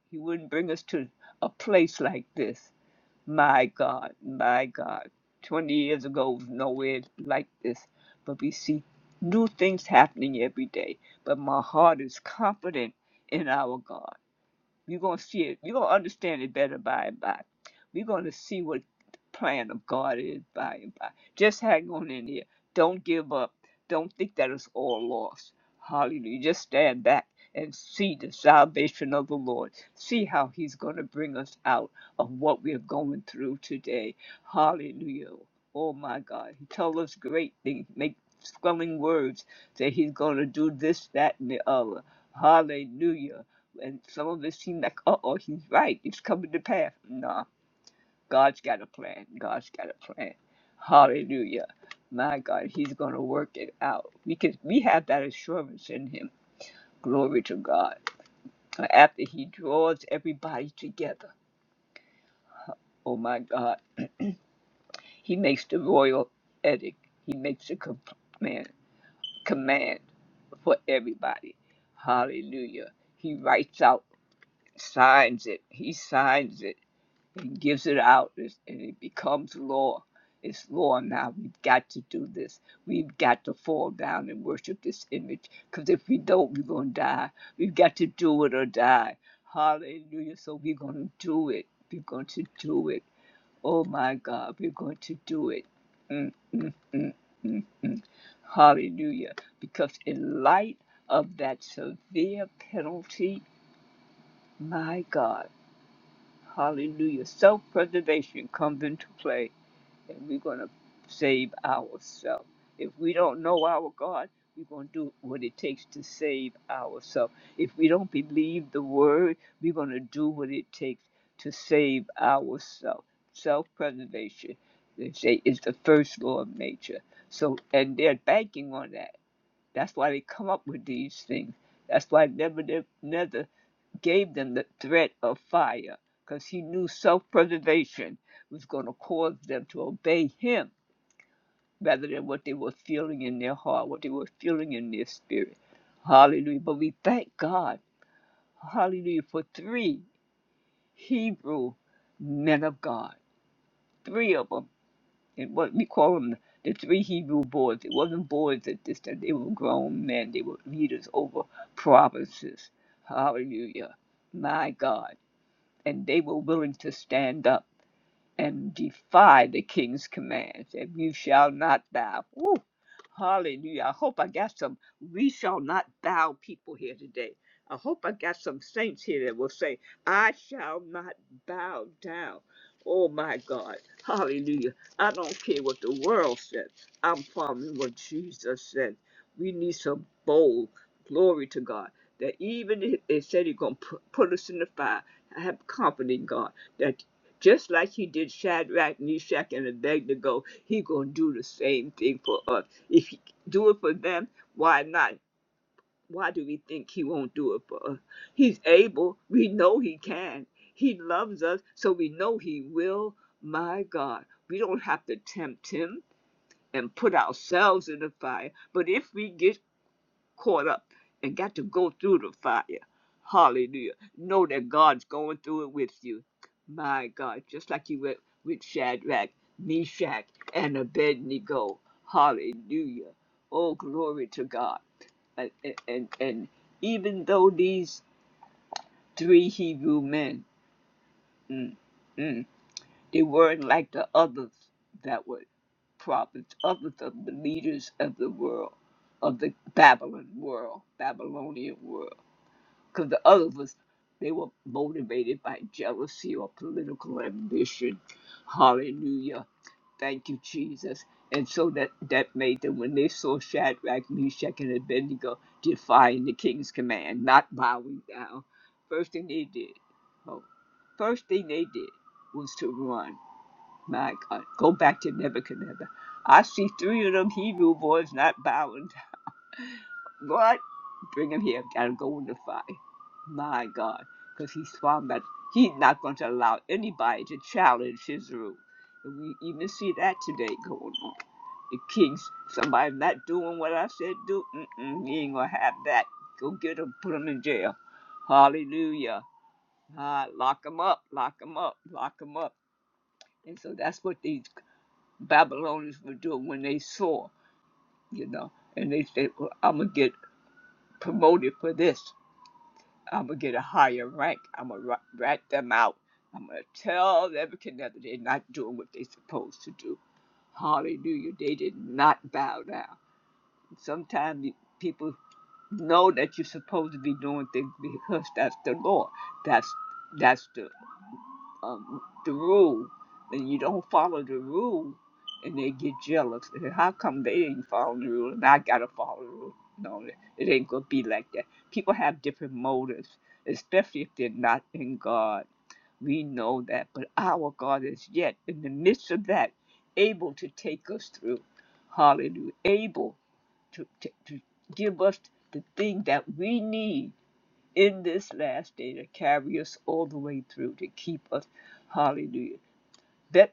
He wouldn't bring us to a place like this. My God, my God. 20 years ago was nowhere like this. But we see new things happening every day. But my heart is confident in our God. You're going to see it. You're going to understand it better by and by. We're going to see what the plan of God is by and by. Just hang on in there. Don't give up. Don't think that it's all lost. Hallelujah. Just stand back and see the salvation of the Lord. See how He's going to bring us out of what we're going through today. Hallelujah. Oh my God. He tells us great things, make spelling words, that He's going to do this, that, and the other. Hallelujah and some of us seem like, uh oh, he's right. It's coming to pass. Nah, God's got a plan. God's got a plan. Hallelujah. My God, he's going to work it out. Because we have that assurance in him. Glory to God. And After he draws everybody together, oh my God, he makes the royal edict. He makes a command, command for everybody. Hallelujah. He writes out, signs it. He signs it and gives it out and it becomes law. It's law now. We've got to do this. We've got to fall down and worship this image because if we don't, we're going to die. We've got to do it or die. Hallelujah. So we're going to do it. We're going to do it. Oh my God, we're going to do it. Mm, mm, mm, mm, mm. Hallelujah. Because in light of that severe penalty, my God. Hallelujah. Self preservation comes into play, and we're going to save ourselves. If we don't know our God, we're going to do what it takes to save ourselves. If we don't believe the word, we're going to do what it takes to save ourselves. Self preservation, they say, is the first law of nature. So, and they're banking on that. That's why they come up with these things. That's why Nebuchadnezzar gave them the threat of fire, because he knew self preservation was going to cause them to obey him rather than what they were feeling in their heart, what they were feeling in their spirit. Hallelujah. But we thank God, hallelujah, for three Hebrew men of God, three of them. It was we call them the three Hebrew boys. It wasn't boys at this time. They were grown men. They were leaders over provinces. Hallelujah, my God! And they were willing to stand up and defy the king's commands, and you shall not bow. Woo! Hallelujah. I hope I got some we shall not bow people here today. I hope I got some saints here that will say, I shall not bow down. Oh my God. Hallelujah. I don't care what the world says. I'm following what Jesus said. We need some bold glory to God. That even if they said he's going to put us in the fire, I have confidence in God that just like he did Shadrach, Meshach, and Abednego, he gonna do the same thing for us. If he do it for them, why not? Why do we think he won't do it for us? He's able. We know he can. He loves us, so we know he will. My God, we don't have to tempt him and put ourselves in the fire. But if we get caught up and got to go through the fire. Hallelujah. Know that God's going through it with you. My God, just like you went with Shadrach, Meshach, and Abednego. Hallelujah. Oh, glory to God. And, and, and even though these three Hebrew men, mm, mm, they weren't like the others that were prophets, others of the leaders of the world, of the Babylon world, Babylonian world because the other was they were motivated by jealousy or political ambition. Hallelujah. Thank you, Jesus. And so that, that made them, when they saw Shadrach, Meshach, and Abednego defying the king's command, not bowing down, first thing they did, oh, first thing they did was to run. My God, go back to Nebuchadnezzar. I see three of them Hebrew boys not bowing what? bring him here. Gotta go in the fire. My God. Because he's found that he's not going to allow anybody to challenge his rule. And we even see that today going on. The kings, somebody not doing what I said do, mm-mm, he ain't going to have that. Go get him, put him in jail. Hallelujah. Ah, lock him up, lock him up, lock him up. And so that's what these Babylonians were doing when they saw, you know, and they said, well, I'm going to get promoted for this. I'm gonna get a higher rank. I'm gonna rat, rat them out. I'm gonna tell everything that they're not doing what they're supposed to do. Hallelujah. They did not bow down. Sometimes people know that you're supposed to be doing things because that's the law. That's that's the um, the rule, and you don't follow the rule, and they get jealous. And how come they didn't follow the rule, and I gotta follow the rule? No, it ain't gonna be like that. People have different motives, especially if they're not in God. We know that, but our God is yet in the midst of that, able to take us through. Hallelujah. Able to, to, to give us the thing that we need in this last day to carry us all the way through to keep us. Hallelujah. That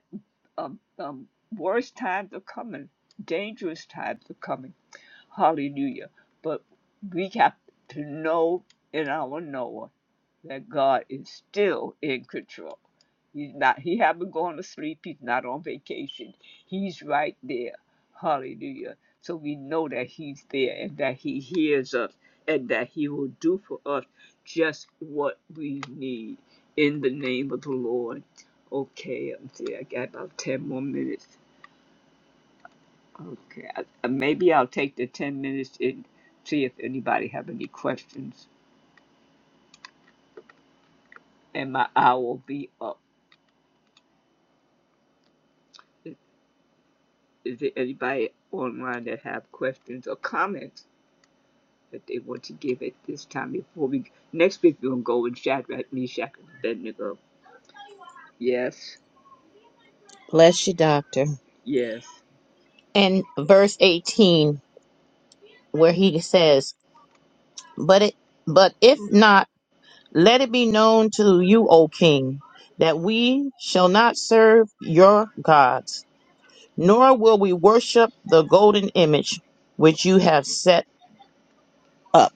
um, um, worst times are coming, dangerous times are coming. Hallelujah. But we have to know in our Noah that God is still in control. He's not he haven't gone to sleep, he's not on vacation. He's right there. Hallelujah. So we know that he's there and that he hears us and that he will do for us just what we need in the name of the Lord. Okay, Let am see, I got about ten more minutes. Okay, I- maybe I'll take the ten minutes and see if anybody have any questions, and my hour will be up. Is there anybody online that have questions or comments that they want to give at this time before we next week we're gonna go with Shadrach, Meshach, and Abednego. Yes,
Bless you, doctor.
yes.
And verse 18, where he says, But it but if not, let it be known to you, O king, that we shall not serve your gods, nor will we worship the golden image which you have set up.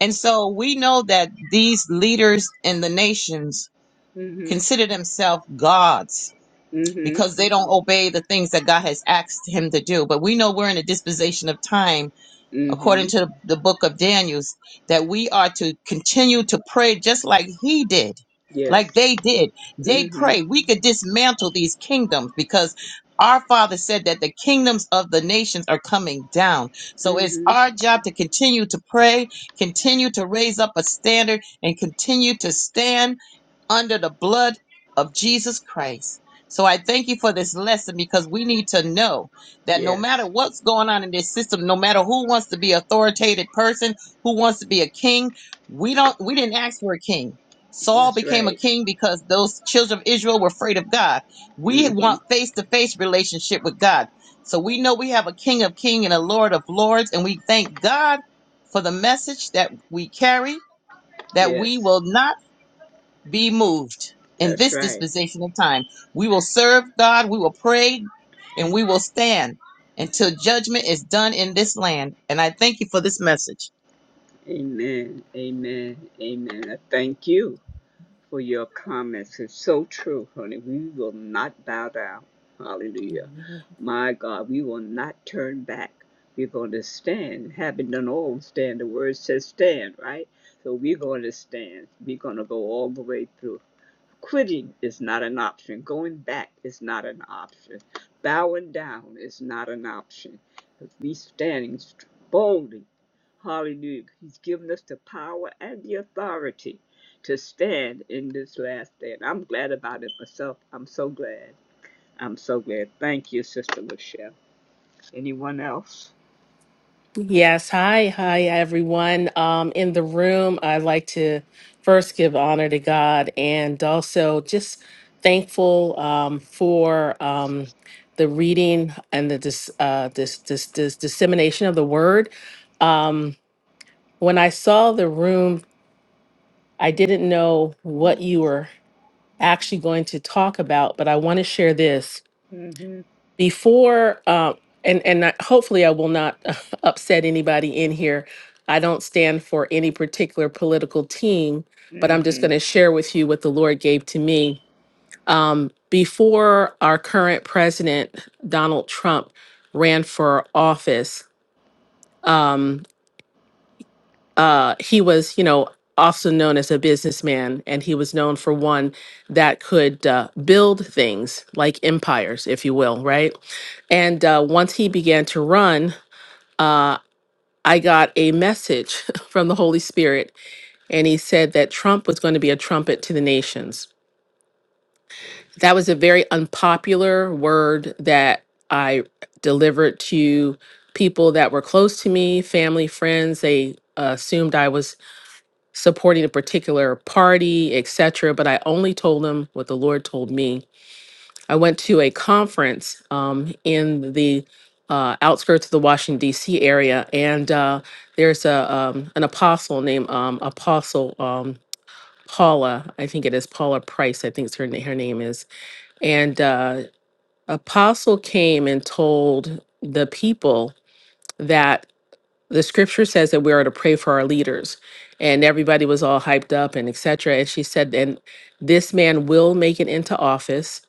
And so we know that these leaders in the nations
Mhm.
consider themselves gods
Mhm.
because they don't obey the things that God has asked him to do. But we know we're in a disposition of time according
Mhm.
to the book of Daniels, that we are to continue to pray just like he did, like
Yes.
they did. They
Mhm.
pray. We could dismantle these kingdoms because our father said that the kingdoms of the nations are coming down. So it's
Mhm.
our job to continue to pray, continue to raise up a standard, and continue to stand under the blood of Jesus Christ. So I thank you for this lesson because we need to know that no matter
Yes.
what's going on in this system, no matter who wants to be authoritative person, who wants to be a king, we don't we didn't ask for a king. Saul
That's
became a
right.
king because those children of Israel were afraid of God. We
Mhm.
want face-to-face relationship with God. So we know we have a king of Kings and a lord of lords and we thank God for the message that we carry that we
Yes.
will not be moved in
That's
this
right.
dispensation of time. We will serve God, we will pray, and we will stand until judgment is done in this land. And I thank you for this message.
Amen. Amen. Amen. I thank you. for your comments. It's so true, honey. We will not bow down. Hallelujah. My God, we will not turn back. We're going to stand. Having done all, stand. The word says stand, right? So we're going to stand. We're going to go all the way through. Quitting is not an option. Going back is not an option. Bowing down is not an option. We're standing boldly Hallelujah. He's given us the power and the authority to stand in this last day. And I'm glad about it myself. I'm so glad. I'm so glad. Thank you, Sister Michelle. Anyone else?
Yes, hi, hi everyone. Um, in the room, I'd like to first give honor to God and also just thankful um, for um, the reading and the dis, uh, this, this, this dissemination of the word. Um, when I saw the room, I didn't know what you were actually going to talk about, but I want to share this.
hmm
before uh, and and I, hopefully I will not <laughs> upset anybody in here. I don't stand for any particular political team, but I'm just
hmm
going to share with you what the Lord gave to me. Um, before our current president Donald Trump ran for office, um, uh, he was, you know, also known as a businessman, and he was known for one that could uh, build things like empires, if you will, right? And uh, once he began to run, uh, I got a message <laughs> from the Holy Spirit, and he said that Trump was going to be a trumpet to the nations. That was a very unpopular word that I delivered to people that were close to me, family, friends. They uh, assumed I was supporting a particular party, etc. But I only told them what the Lord told me. I went to a conference um, in the uh, outskirts of the Washington D.C. area, and uh, there's a um, an apostle named um, Apostle um, Paula. I think it is Paula Price. I think it's her na- her name is. And uh, Apostle came and told the people. that the scripture says that we are to pray for our leaders and everybody was all hyped up and etc and she said and this man will make it into office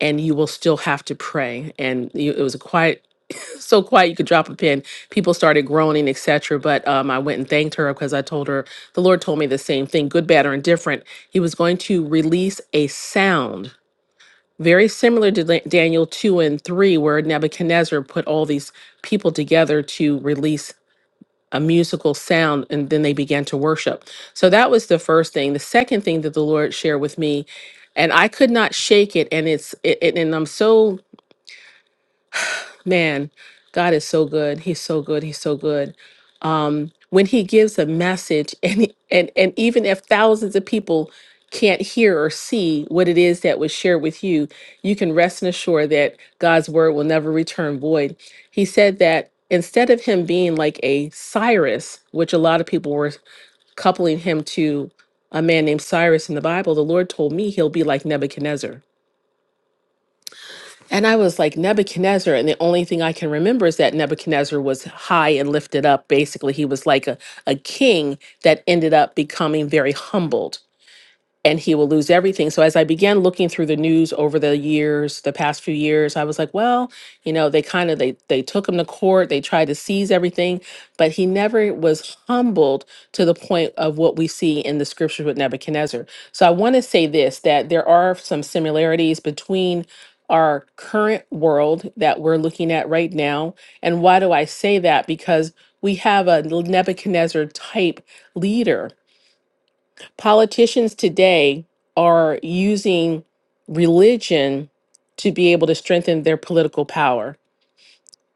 and you will still have to pray and you, it was a quiet <laughs> so quiet you could drop a pin people started groaning etc but um, i went and thanked her because i told her the lord told me the same thing good bad or indifferent he was going to release a sound very similar to Da- daniel 2 and 3 where nebuchadnezzar put all these people together to release a musical sound and then they began to worship. So that was the first thing. The second thing that the Lord shared with me and I could not shake it and it's it, it- and I'm so Man, God is so good. He's so good. He's so good. Um, when he gives a message, <laughs> and he- and and even if thousands of people can't hear or see what it is that was shared with you, you can rest and assure that God's word will never return void. He said that instead of him being like a Cyrus, which a lot of people were coupling him to a man named Cyrus in the Bible, the Lord told me he'll be like Nebuchadnezzar and I was like Nebuchadnezzar, and the only thing I can remember is that Nebuchadnezzar was high and lifted up. Basically, he was like a, a king that ended up becoming very humbled and he will lose everything. So as I began looking through the news over the years, the past few years, I was like, well, you know, they kind of they they took him to court, they tried to seize everything, but he never was humbled to the point of what we see in the scriptures with Nebuchadnezzar. So I want to say this that there are some similarities between our current world that we're looking at right now. And why do I say that? Because we have a Nebuchadnezzar type leader Politicians today are using religion to be able to strengthen their political power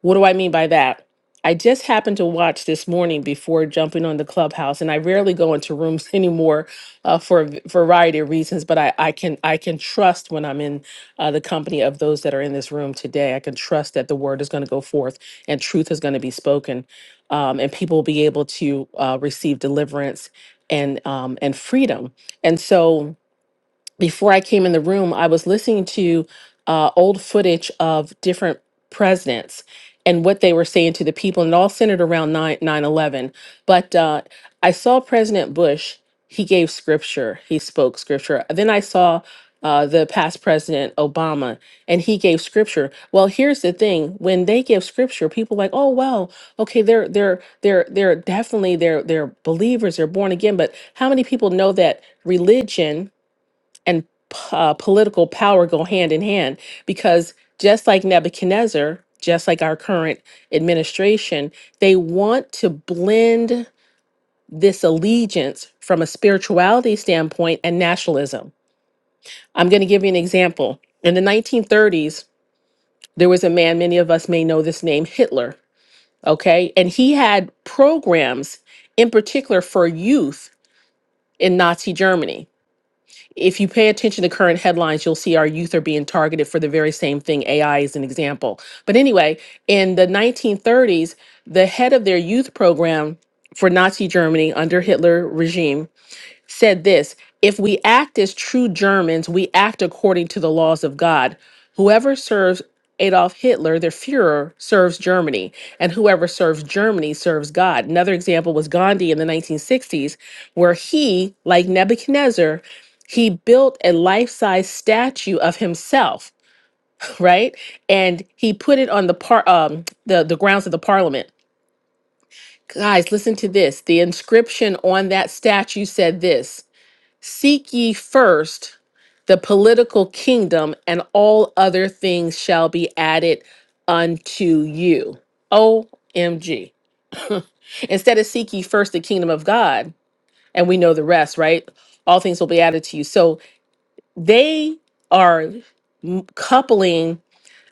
what do I mean by that? I just happened to watch this morning before jumping on the clubhouse, and I rarely go into rooms <laughs> anymore uh, for a v- variety of reasons. But I, I can I can trust when I'm in uh, the company of those that are in this room today. I can trust that the word is going to go forth and truth is going to be spoken, um, and people will be able to uh, receive deliverance and um, and freedom. And so before I came in the room, I was listening to uh, old footage of different presidents and what they were saying to the people, and it all centered around 9 11. But uh, I saw President Bush, he gave scripture, he spoke scripture. Then I saw uh, the past president Obama, and he gave scripture. Well, here's the thing: when they give scripture, people like, oh well, okay, they're they're they're they're definitely they're they're believers, they're born again. But how many people know that religion? and uh, political power go hand in hand because just like Nebuchadnezzar, just like our current administration, they want to blend this allegiance from a spirituality standpoint and nationalism. I'm going to give you an example. In the 1930s, there was a man, many of us may know this name, Hitler, okay? And he had programs in particular for youth in Nazi Germany If you pay attention to current headlines, you'll see our youth are being targeted for the very same thing. AI is an example. But anyway, in the 1930s, the head of their youth program for Nazi Germany under Hitler regime said this If we act as true Germans, we act according to the laws of God. Whoever serves Adolf Hitler, their Fuhrer, serves Germany, and whoever serves Germany serves God. Another example was Gandhi in the 1960s, where he, like Nebuchadnezzar, he built a life-size statue of himself, <laughs> right? And he put it on the par- um, the, the grounds of the parliament. Guys, listen to this. The inscription on that statue said this Seek ye first the political kingdom, and all other things shall be added unto you. OMG. <laughs> Instead of seek ye first the kingdom of God, and we know the rest, right? All things will be added to you. So they are m- coupling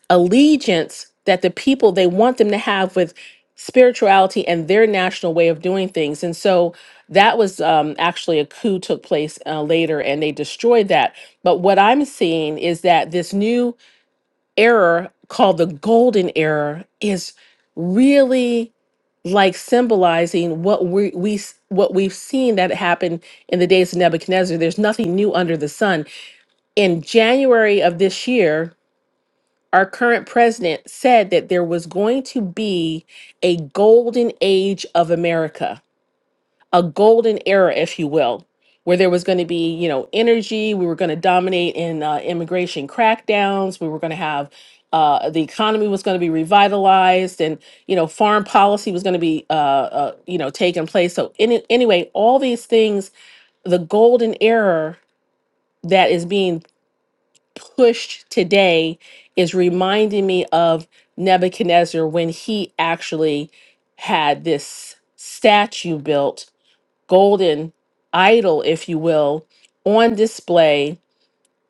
allegiance that the people they want them to have with spirituality and their national way of doing things. And so that was um, actually a coup took place uh, later and they destroyed that. But what I'm seeing is that this new era called the golden era is really like symbolizing what we we s- what we've seen that happened in the days of Nebuchadnezzar. There's nothing new under the sun. In January of this year, our current president said that there was going to be a golden age of America, a golden era, if you will, where there was going to be, you know, energy. We were going to dominate in uh, immigration crackdowns. We were going to have uh, the economy was going to be revitalized, and you know, foreign policy was going to be, uh, uh, you know, taking place. So, any, anyway, all these things, the golden era that is being push today is reminding me of Nebuchadnezzar when he actually had this statue built, golden idol, if you will, on display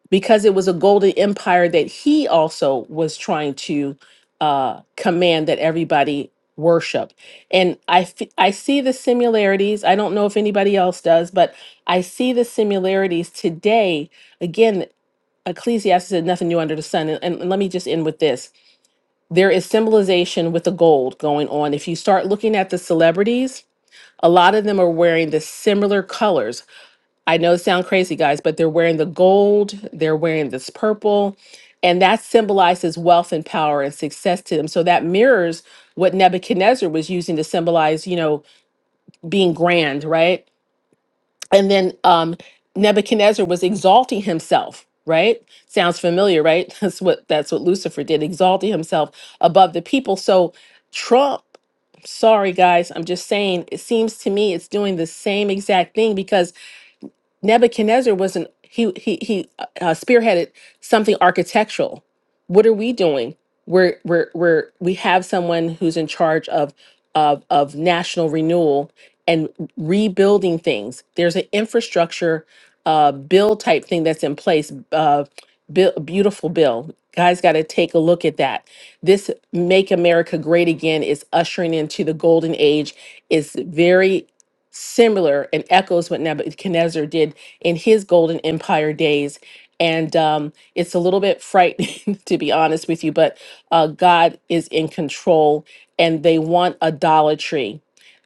because it was a golden empire that he also was trying to uh, command that everybody worship. And I, f- I see the similarities. I don't know if anybody else does, but I see the similarities today. Again, Ecclesiastes said nothing new under the sun. And, and let me just end with this. There is symbolization with the gold going on. If you start looking at the celebrities, a lot of them are wearing the similar colors. I know it sounds crazy, guys, but they're wearing the gold, they're wearing this purple, and that symbolizes wealth and power and success to them. So that mirrors what Nebuchadnezzar was using to symbolize, you know, being grand, right? and then um, Nebuchadnezzar was exalting himself. Right? Sounds familiar, right? <laughs> That's what that's what Lucifer did, exalting himself above the people. So Trump, sorry guys, I'm just saying, it seems to me it's doing the same exact thing because Nebuchadnezzar was not he he he uh, uh, spearheaded something architectural. What are we doing? We're we're we're we have someone who's in charge of of of national renewal and rebuilding things. There's an infrastructure uh, bill type thing that's in place. Uh, bill, beautiful bill. Guys, got to take a look at that. This "Make America Great Again" is ushering into the golden age. It's very similar and echoes what Nebuchadnezzar did in his golden empire days. And um, it's a little bit frightening, <laughs> to be honest with you, but uh, God is in control and they want idolatry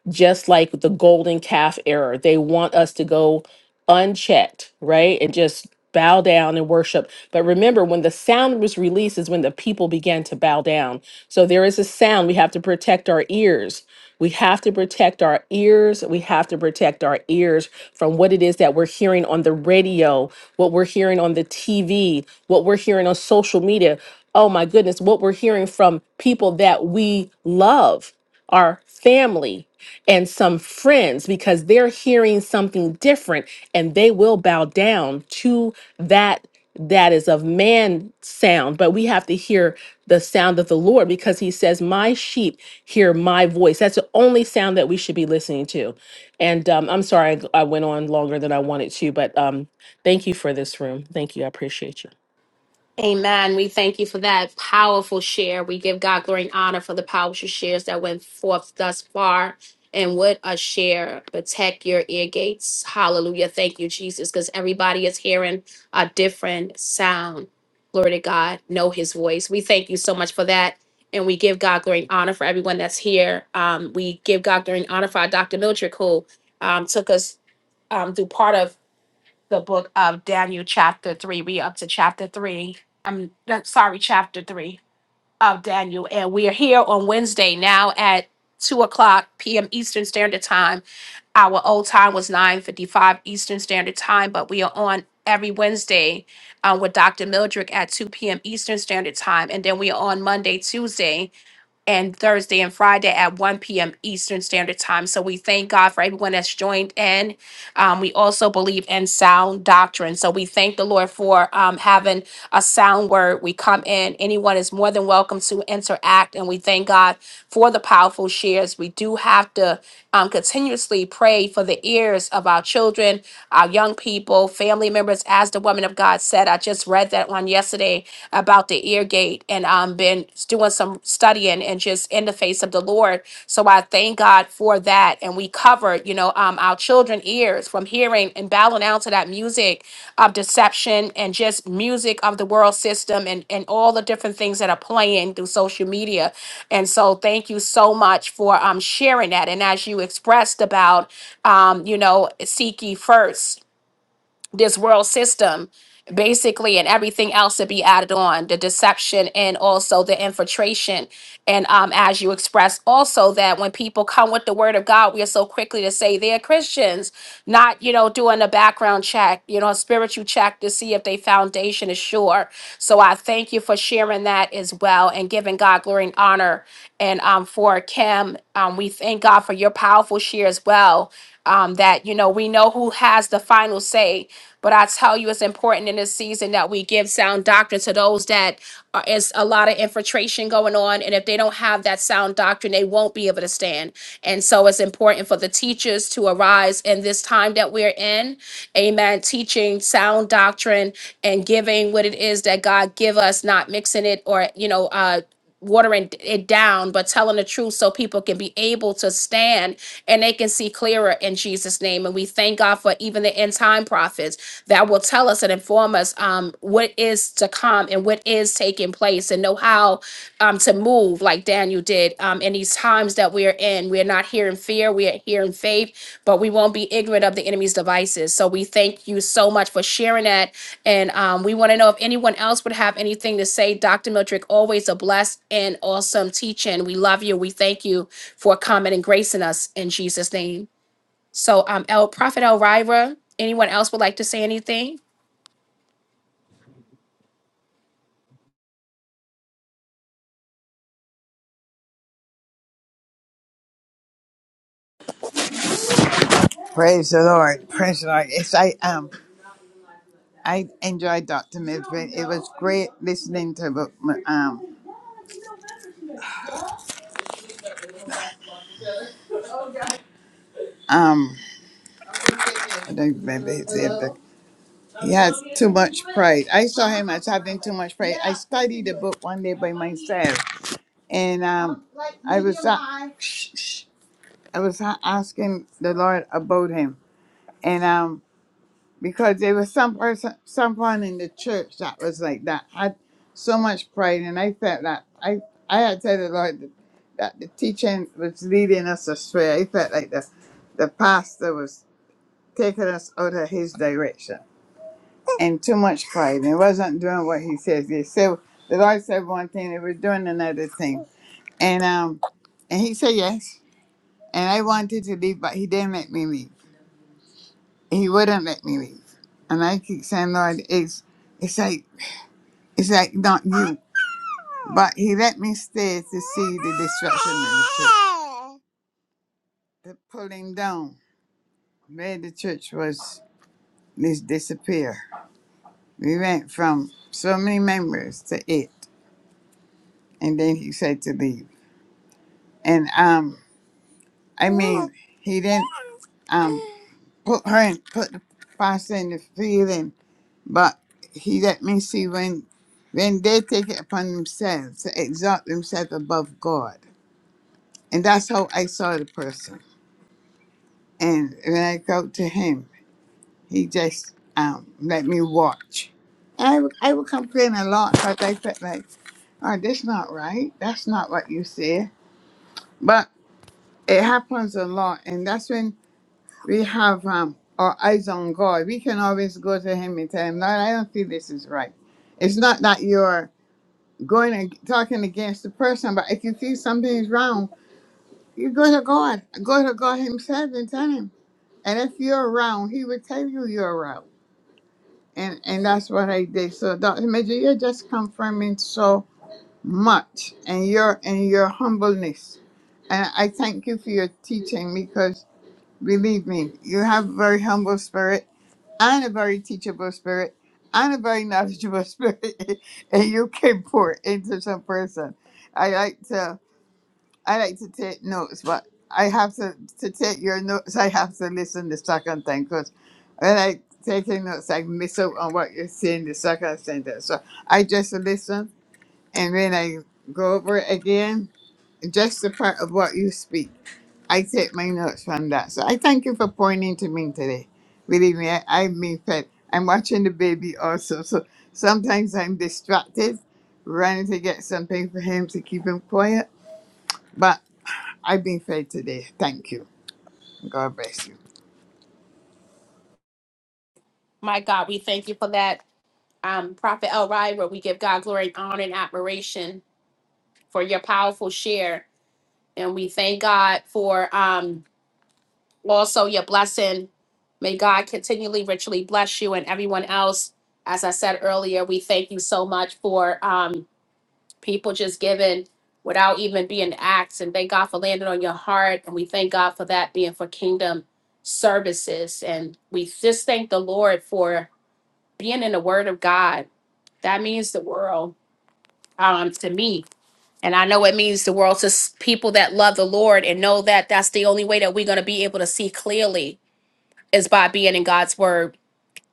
just like the golden calf error. They want us to go unchecked, right? And just bow down and worship. But remember, when the sound was released, is when the people began to bow down. So there is a sound. We have to protect our ears. We have to protect our ears. We have to protect our ears from what it is that we're hearing on the radio, what we're hearing on the TV, what we're hearing on social media. Oh my goodness, what we're hearing from people that we love, our family and some friends because they're hearing something different and they will bow down to that that is of man sound but we have to hear the sound of the lord because he says my sheep hear my voice that's the only sound that we should be listening to and um, i'm sorry i I went on longer than i wanted to but um, thank you for this room thank you i appreciate you
Amen. We thank you for that powerful share. We give God glory and honor for the powerful shares that went forth thus far. And what a share. Protect your ear gates. Hallelujah. Thank you, Jesus, because everybody is hearing a different sound. Glory to God. Know his voice. We thank you so much for that. And we give God glory and honor for everyone that's here. Um, we give God glory and honor for our Dr. Mildred, who um, took us um, through part of the book of Daniel, chapter three. We up to chapter three. I'm not- sorry, chapter three of Daniel, and we are here on Wednesday now at two o'clock p.m. Eastern Standard Time. Our old time was nine fifty-five Eastern Standard Time, but we are on every Wednesday uh, with Dr. Mildred at two p.m. Eastern Standard Time, and then we are on Monday, Tuesday and Thursday and Friday at 1 p.m. Eastern Standard Time. So we thank God for everyone that's joined in. Um, we also believe in sound doctrine. So we thank the Lord for um, having a sound word. We come in. Anyone is more than welcome to interact, and we thank God for the powerful shares. We do have to um, continuously pray for the ears of our children, our young people, family members. As the woman of God said, I just read that one yesterday about the ear gate, and um, been doing some studying and just in the face of the Lord forth. So I thank God for that. And we covered, you know, um, our children ears from hearing and bowing out to that music of deception and just music of the world system and, and all the different things that are playing through social media. And so thank you so much for um, sharing that. And as you expressed about, um, you know, seek ye first this world system basically and everything else to be added on the deception and also the infiltration and um as you express also that when people come with the word of god we are so quickly to say they're christians not you know doing a background check you know a spiritual check to see if their foundation is sure so i thank you for sharing that as well and giving god glory and honor and um for kim um we thank god for your powerful share as well um that you know we know who has the final say but I tell you, it's important in this season that we give sound doctrine to those that are, is a lot of infiltration going on. And if they don't have that sound doctrine, they won't be able to stand. And so it's important for the teachers to arise in this time that we're in. Amen. Teaching sound doctrine and giving what it is that God give us, not mixing it or, you know, uh, watering it down, but telling the truth so people can be able to stand and they can see clearer in Jesus' name. And we thank God for even the end time prophets that will tell us and inform us um, what is to come and what is taking place and know how um, to move like Daniel did um, in these times that we are in. We are not here in fear, we are here in faith, but we won't be ignorant of the enemy's devices. So we thank you so much for sharing that. And um, we want to know if anyone else would have anything to say. Dr. Miltrick, always a blessed and awesome teaching. We love you. We thank you for coming and gracing us in Jesus' name. So, um, El Prophet Elvira, anyone else would like to say anything?
Praise the Lord. Praise the Lord. Yes, I um I enjoyed Dr. Midford. It was great listening to the, um um I don't remember his name, but he has too much pride. I saw him as having too much pride. I studied the book one day by myself and um I was uh, <sniffs> I was a- asking the Lord about him. And um because there was some person, someone in the church that was like that had so much pride, and I felt that I I had said the Lord that, that the teaching was leading us astray. I felt like the the pastor was taking us out of his direction and too much pride. He wasn't doing what he says. He said the Lord said one thing, he was doing another thing, and um and he said yes, and I wanted to leave, but he didn't let me leave. He wouldn't let me leave, and I keep saying, Lord, it's it's like It's like not you, but he let me stay to see the destruction of the church, the pulling down, made the church was this disappear. We went from so many members to eight, and then he said to leave. And um, I mean, he didn't um put her in, put the pastor in the feeling, but he let me see when when they take it upon themselves to exalt themselves above God, and that's how I saw the person And when I go to him, he just um, let me watch. And I would, I would complain a lot because I felt like, oh, this not right. That's not what you say. But it happens a lot. And that's when we have um, our eyes on God. We can always go to him and tell him, Lord, I don't feel this is right. It's not that you're going and talking against the person, but if you feel something is wrong, you go to God. Go to God himself and tell him. And if you're wrong, he will tell you you're wrong. and and that's what I did. So Dr. Major, you're just confirming so much, and your and your humbleness. And I thank you for your teaching because believe me, you have a very humble spirit and a very teachable spirit and a very knowledgeable <laughs> spirit, and you can pour into some person. I like to. I like to take notes, but I have to to take your notes. I have to listen the second time because when I taking notes, I miss out on what you're saying the second sentence. So I just listen, and when I go over it again, just the part of what you speak, I take my notes from that. So I thank you for pointing to me today. Believe me, I, I mean, fed. I'm watching the baby also, so sometimes I'm distracted, running to get something for him to keep him quiet but I've been fed today. Thank you. God bless you.
My God, we thank you for that. Um, Prophet Elvira, we give God glory, honor, and admiration for your powerful share And we thank God for um, also your blessing. May God continually richly bless you and everyone else. As I said earlier, we thank you so much for um, people just giving without even being asked. And thank God for landing on your heart. And we thank God for that being for kingdom services. And we just thank the Lord for being in the Word of God. That means the world um, to me and I know it means the world to s- people that love the Lord and know that that's the only way that we're going to be able to see clearly is by being in God's word.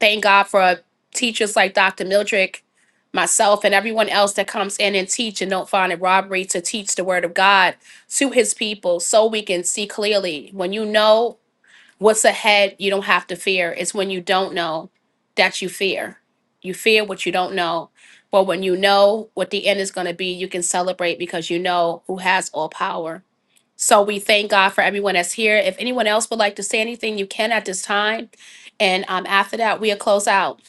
Thank God for teachers like Dr. Mildred, myself, and everyone else that comes in and teach and don't find it robbery to teach the word of God to his people so we can see clearly. When you know what's ahead you don't have to fear it's when you don't know that you fear you fear what you don't know but when you know what the end is going to be you can celebrate because you know who has all power so we thank god for everyone that's here if anyone else would like to say anything you can at this time and um, after that we'll close out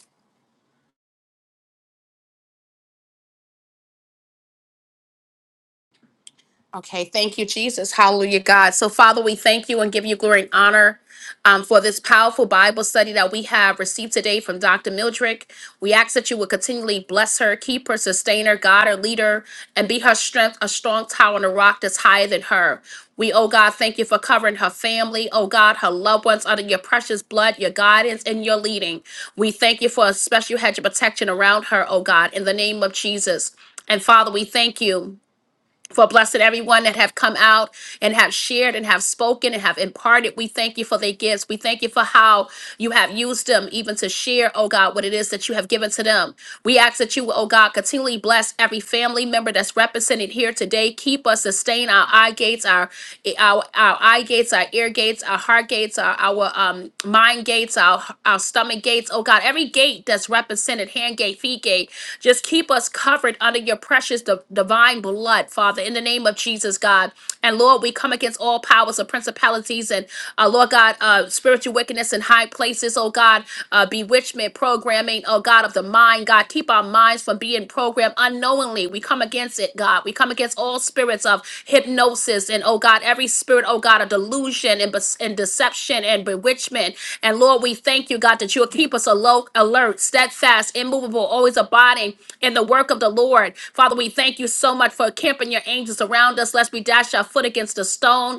Okay, thank you, Jesus. Hallelujah, God. So, Father, we thank you and give you glory and honor um, for this powerful Bible study that we have received today from Dr. Mildred. We ask that you would continually bless her, keep her, sustain her, God, her leader, and be her strength, a strong tower and a rock that's higher than her. We, oh God, thank you for covering her family, oh God, her loved ones under your precious blood, your guidance, and your leading. We thank you for a special hedge of protection around her, oh God, in the name of Jesus. And Father, we thank you for blessing everyone that have come out and have shared and have spoken and have imparted. We thank you for their gifts. We thank you for how you have used them even to share, oh God, what it is that you have given to them. We ask that you, oh God, continually bless every family member that's represented here today. Keep us, sustain our eye gates, our our, our eye gates, our ear gates, our heart gates, our, our um, um, mind gates, our our stomach gates. Oh God, every gate that's represented, hand gate, feet gate, just keep us covered under your precious di- divine blood, Father, in the name of Jesus, God. And Lord, we come against all powers of principalities and uh, Lord God, uh, spiritual wickedness in high places, oh God, uh, bewitchment programming, oh God, of the mind, God, keep our minds from being and program unknowingly. We come against it, God. We come against all spirits of hypnosis and, oh God, every spirit, oh God, of delusion and, bes- and deception and bewitchment. And Lord, we thank you, God, that you'll keep us alo- alert, steadfast, immovable, always abiding in the work of the Lord. Father, we thank you so much for camping your angels around us, lest we dash our foot against a stone.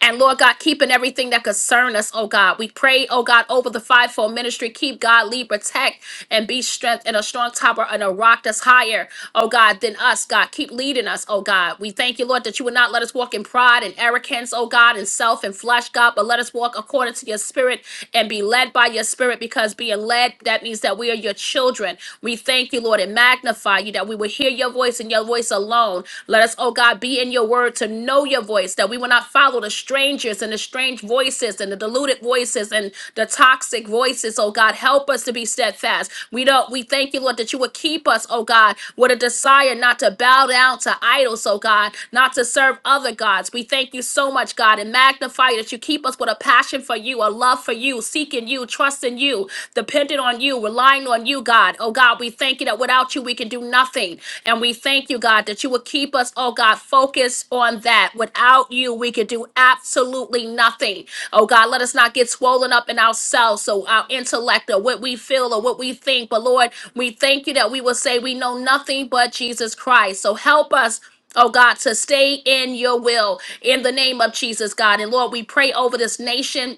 And Lord God, keeping everything that concern us, oh God. We pray, oh God, over the fivefold ministry. Keep God, lead, protect, and be strength in a strong tower and a rock that's higher, oh God, than us, God. Keep leading us, oh God. We thank you, Lord, that you would not let us walk in pride and arrogance, oh God, and self and flesh, God, but let us walk according to your spirit and be led by your spirit because being led, that means that we are your children. We thank you, Lord, and magnify you that we will hear your voice and your voice alone alone. Let us, oh God, be in your word to know your voice, that we will not follow the strangers and the strange voices and the deluded voices and the toxic voices, oh God. Help us to be steadfast. We don't we thank you, Lord, that you would keep us, oh God, with a desire not to bow down to idols, oh God, not to serve other gods. We thank you so much, God, and magnify that you keep us with a passion for you, a love for you, seeking you, trusting you, dependent on you, relying on on you, God. Oh, God, we thank you that without you, we can do nothing. And we thank you, God, that you would keep us, oh, God, focused on that. Without you, we could do absolutely nothing. Oh, God, let us not get swollen up in ourselves, so our intellect or what we feel or what we think. But, Lord, we thank you that we will say we know nothing but Jesus Christ. So help us. Oh God, to stay in your will in the name of Jesus, God. And Lord, we pray over this nation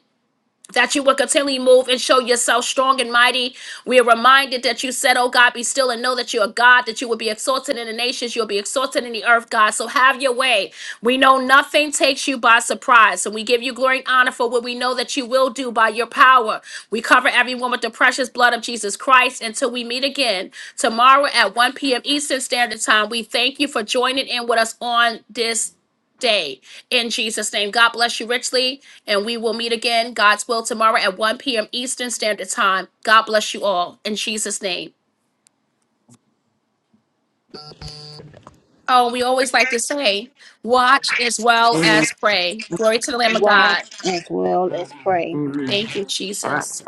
that you will continually move and show yourself strong and mighty. We are reminded that you said, Oh God, be still and know that you are God, that you will be exalted in the nations, you'll be exalted in the earth, God. So have your way. We know nothing takes you by surprise. So we give you glory and honor for what we know that you will do by your power. We cover everyone with the precious blood of Jesus Christ until we meet again tomorrow at 1 p.m. Eastern Standard Time. We thank you for joining in with us on this day in Jesus' name. God bless you richly, and we will meet again, God's will, tomorrow at 1 p.m. Eastern Standard Time. God bless you all in Jesus' name. Oh, we always like to say, watch as well as pray. Glory to the Lamb of
watch
God.
as well as pray.
Amen.
Thank you,
Bye.
Jesus.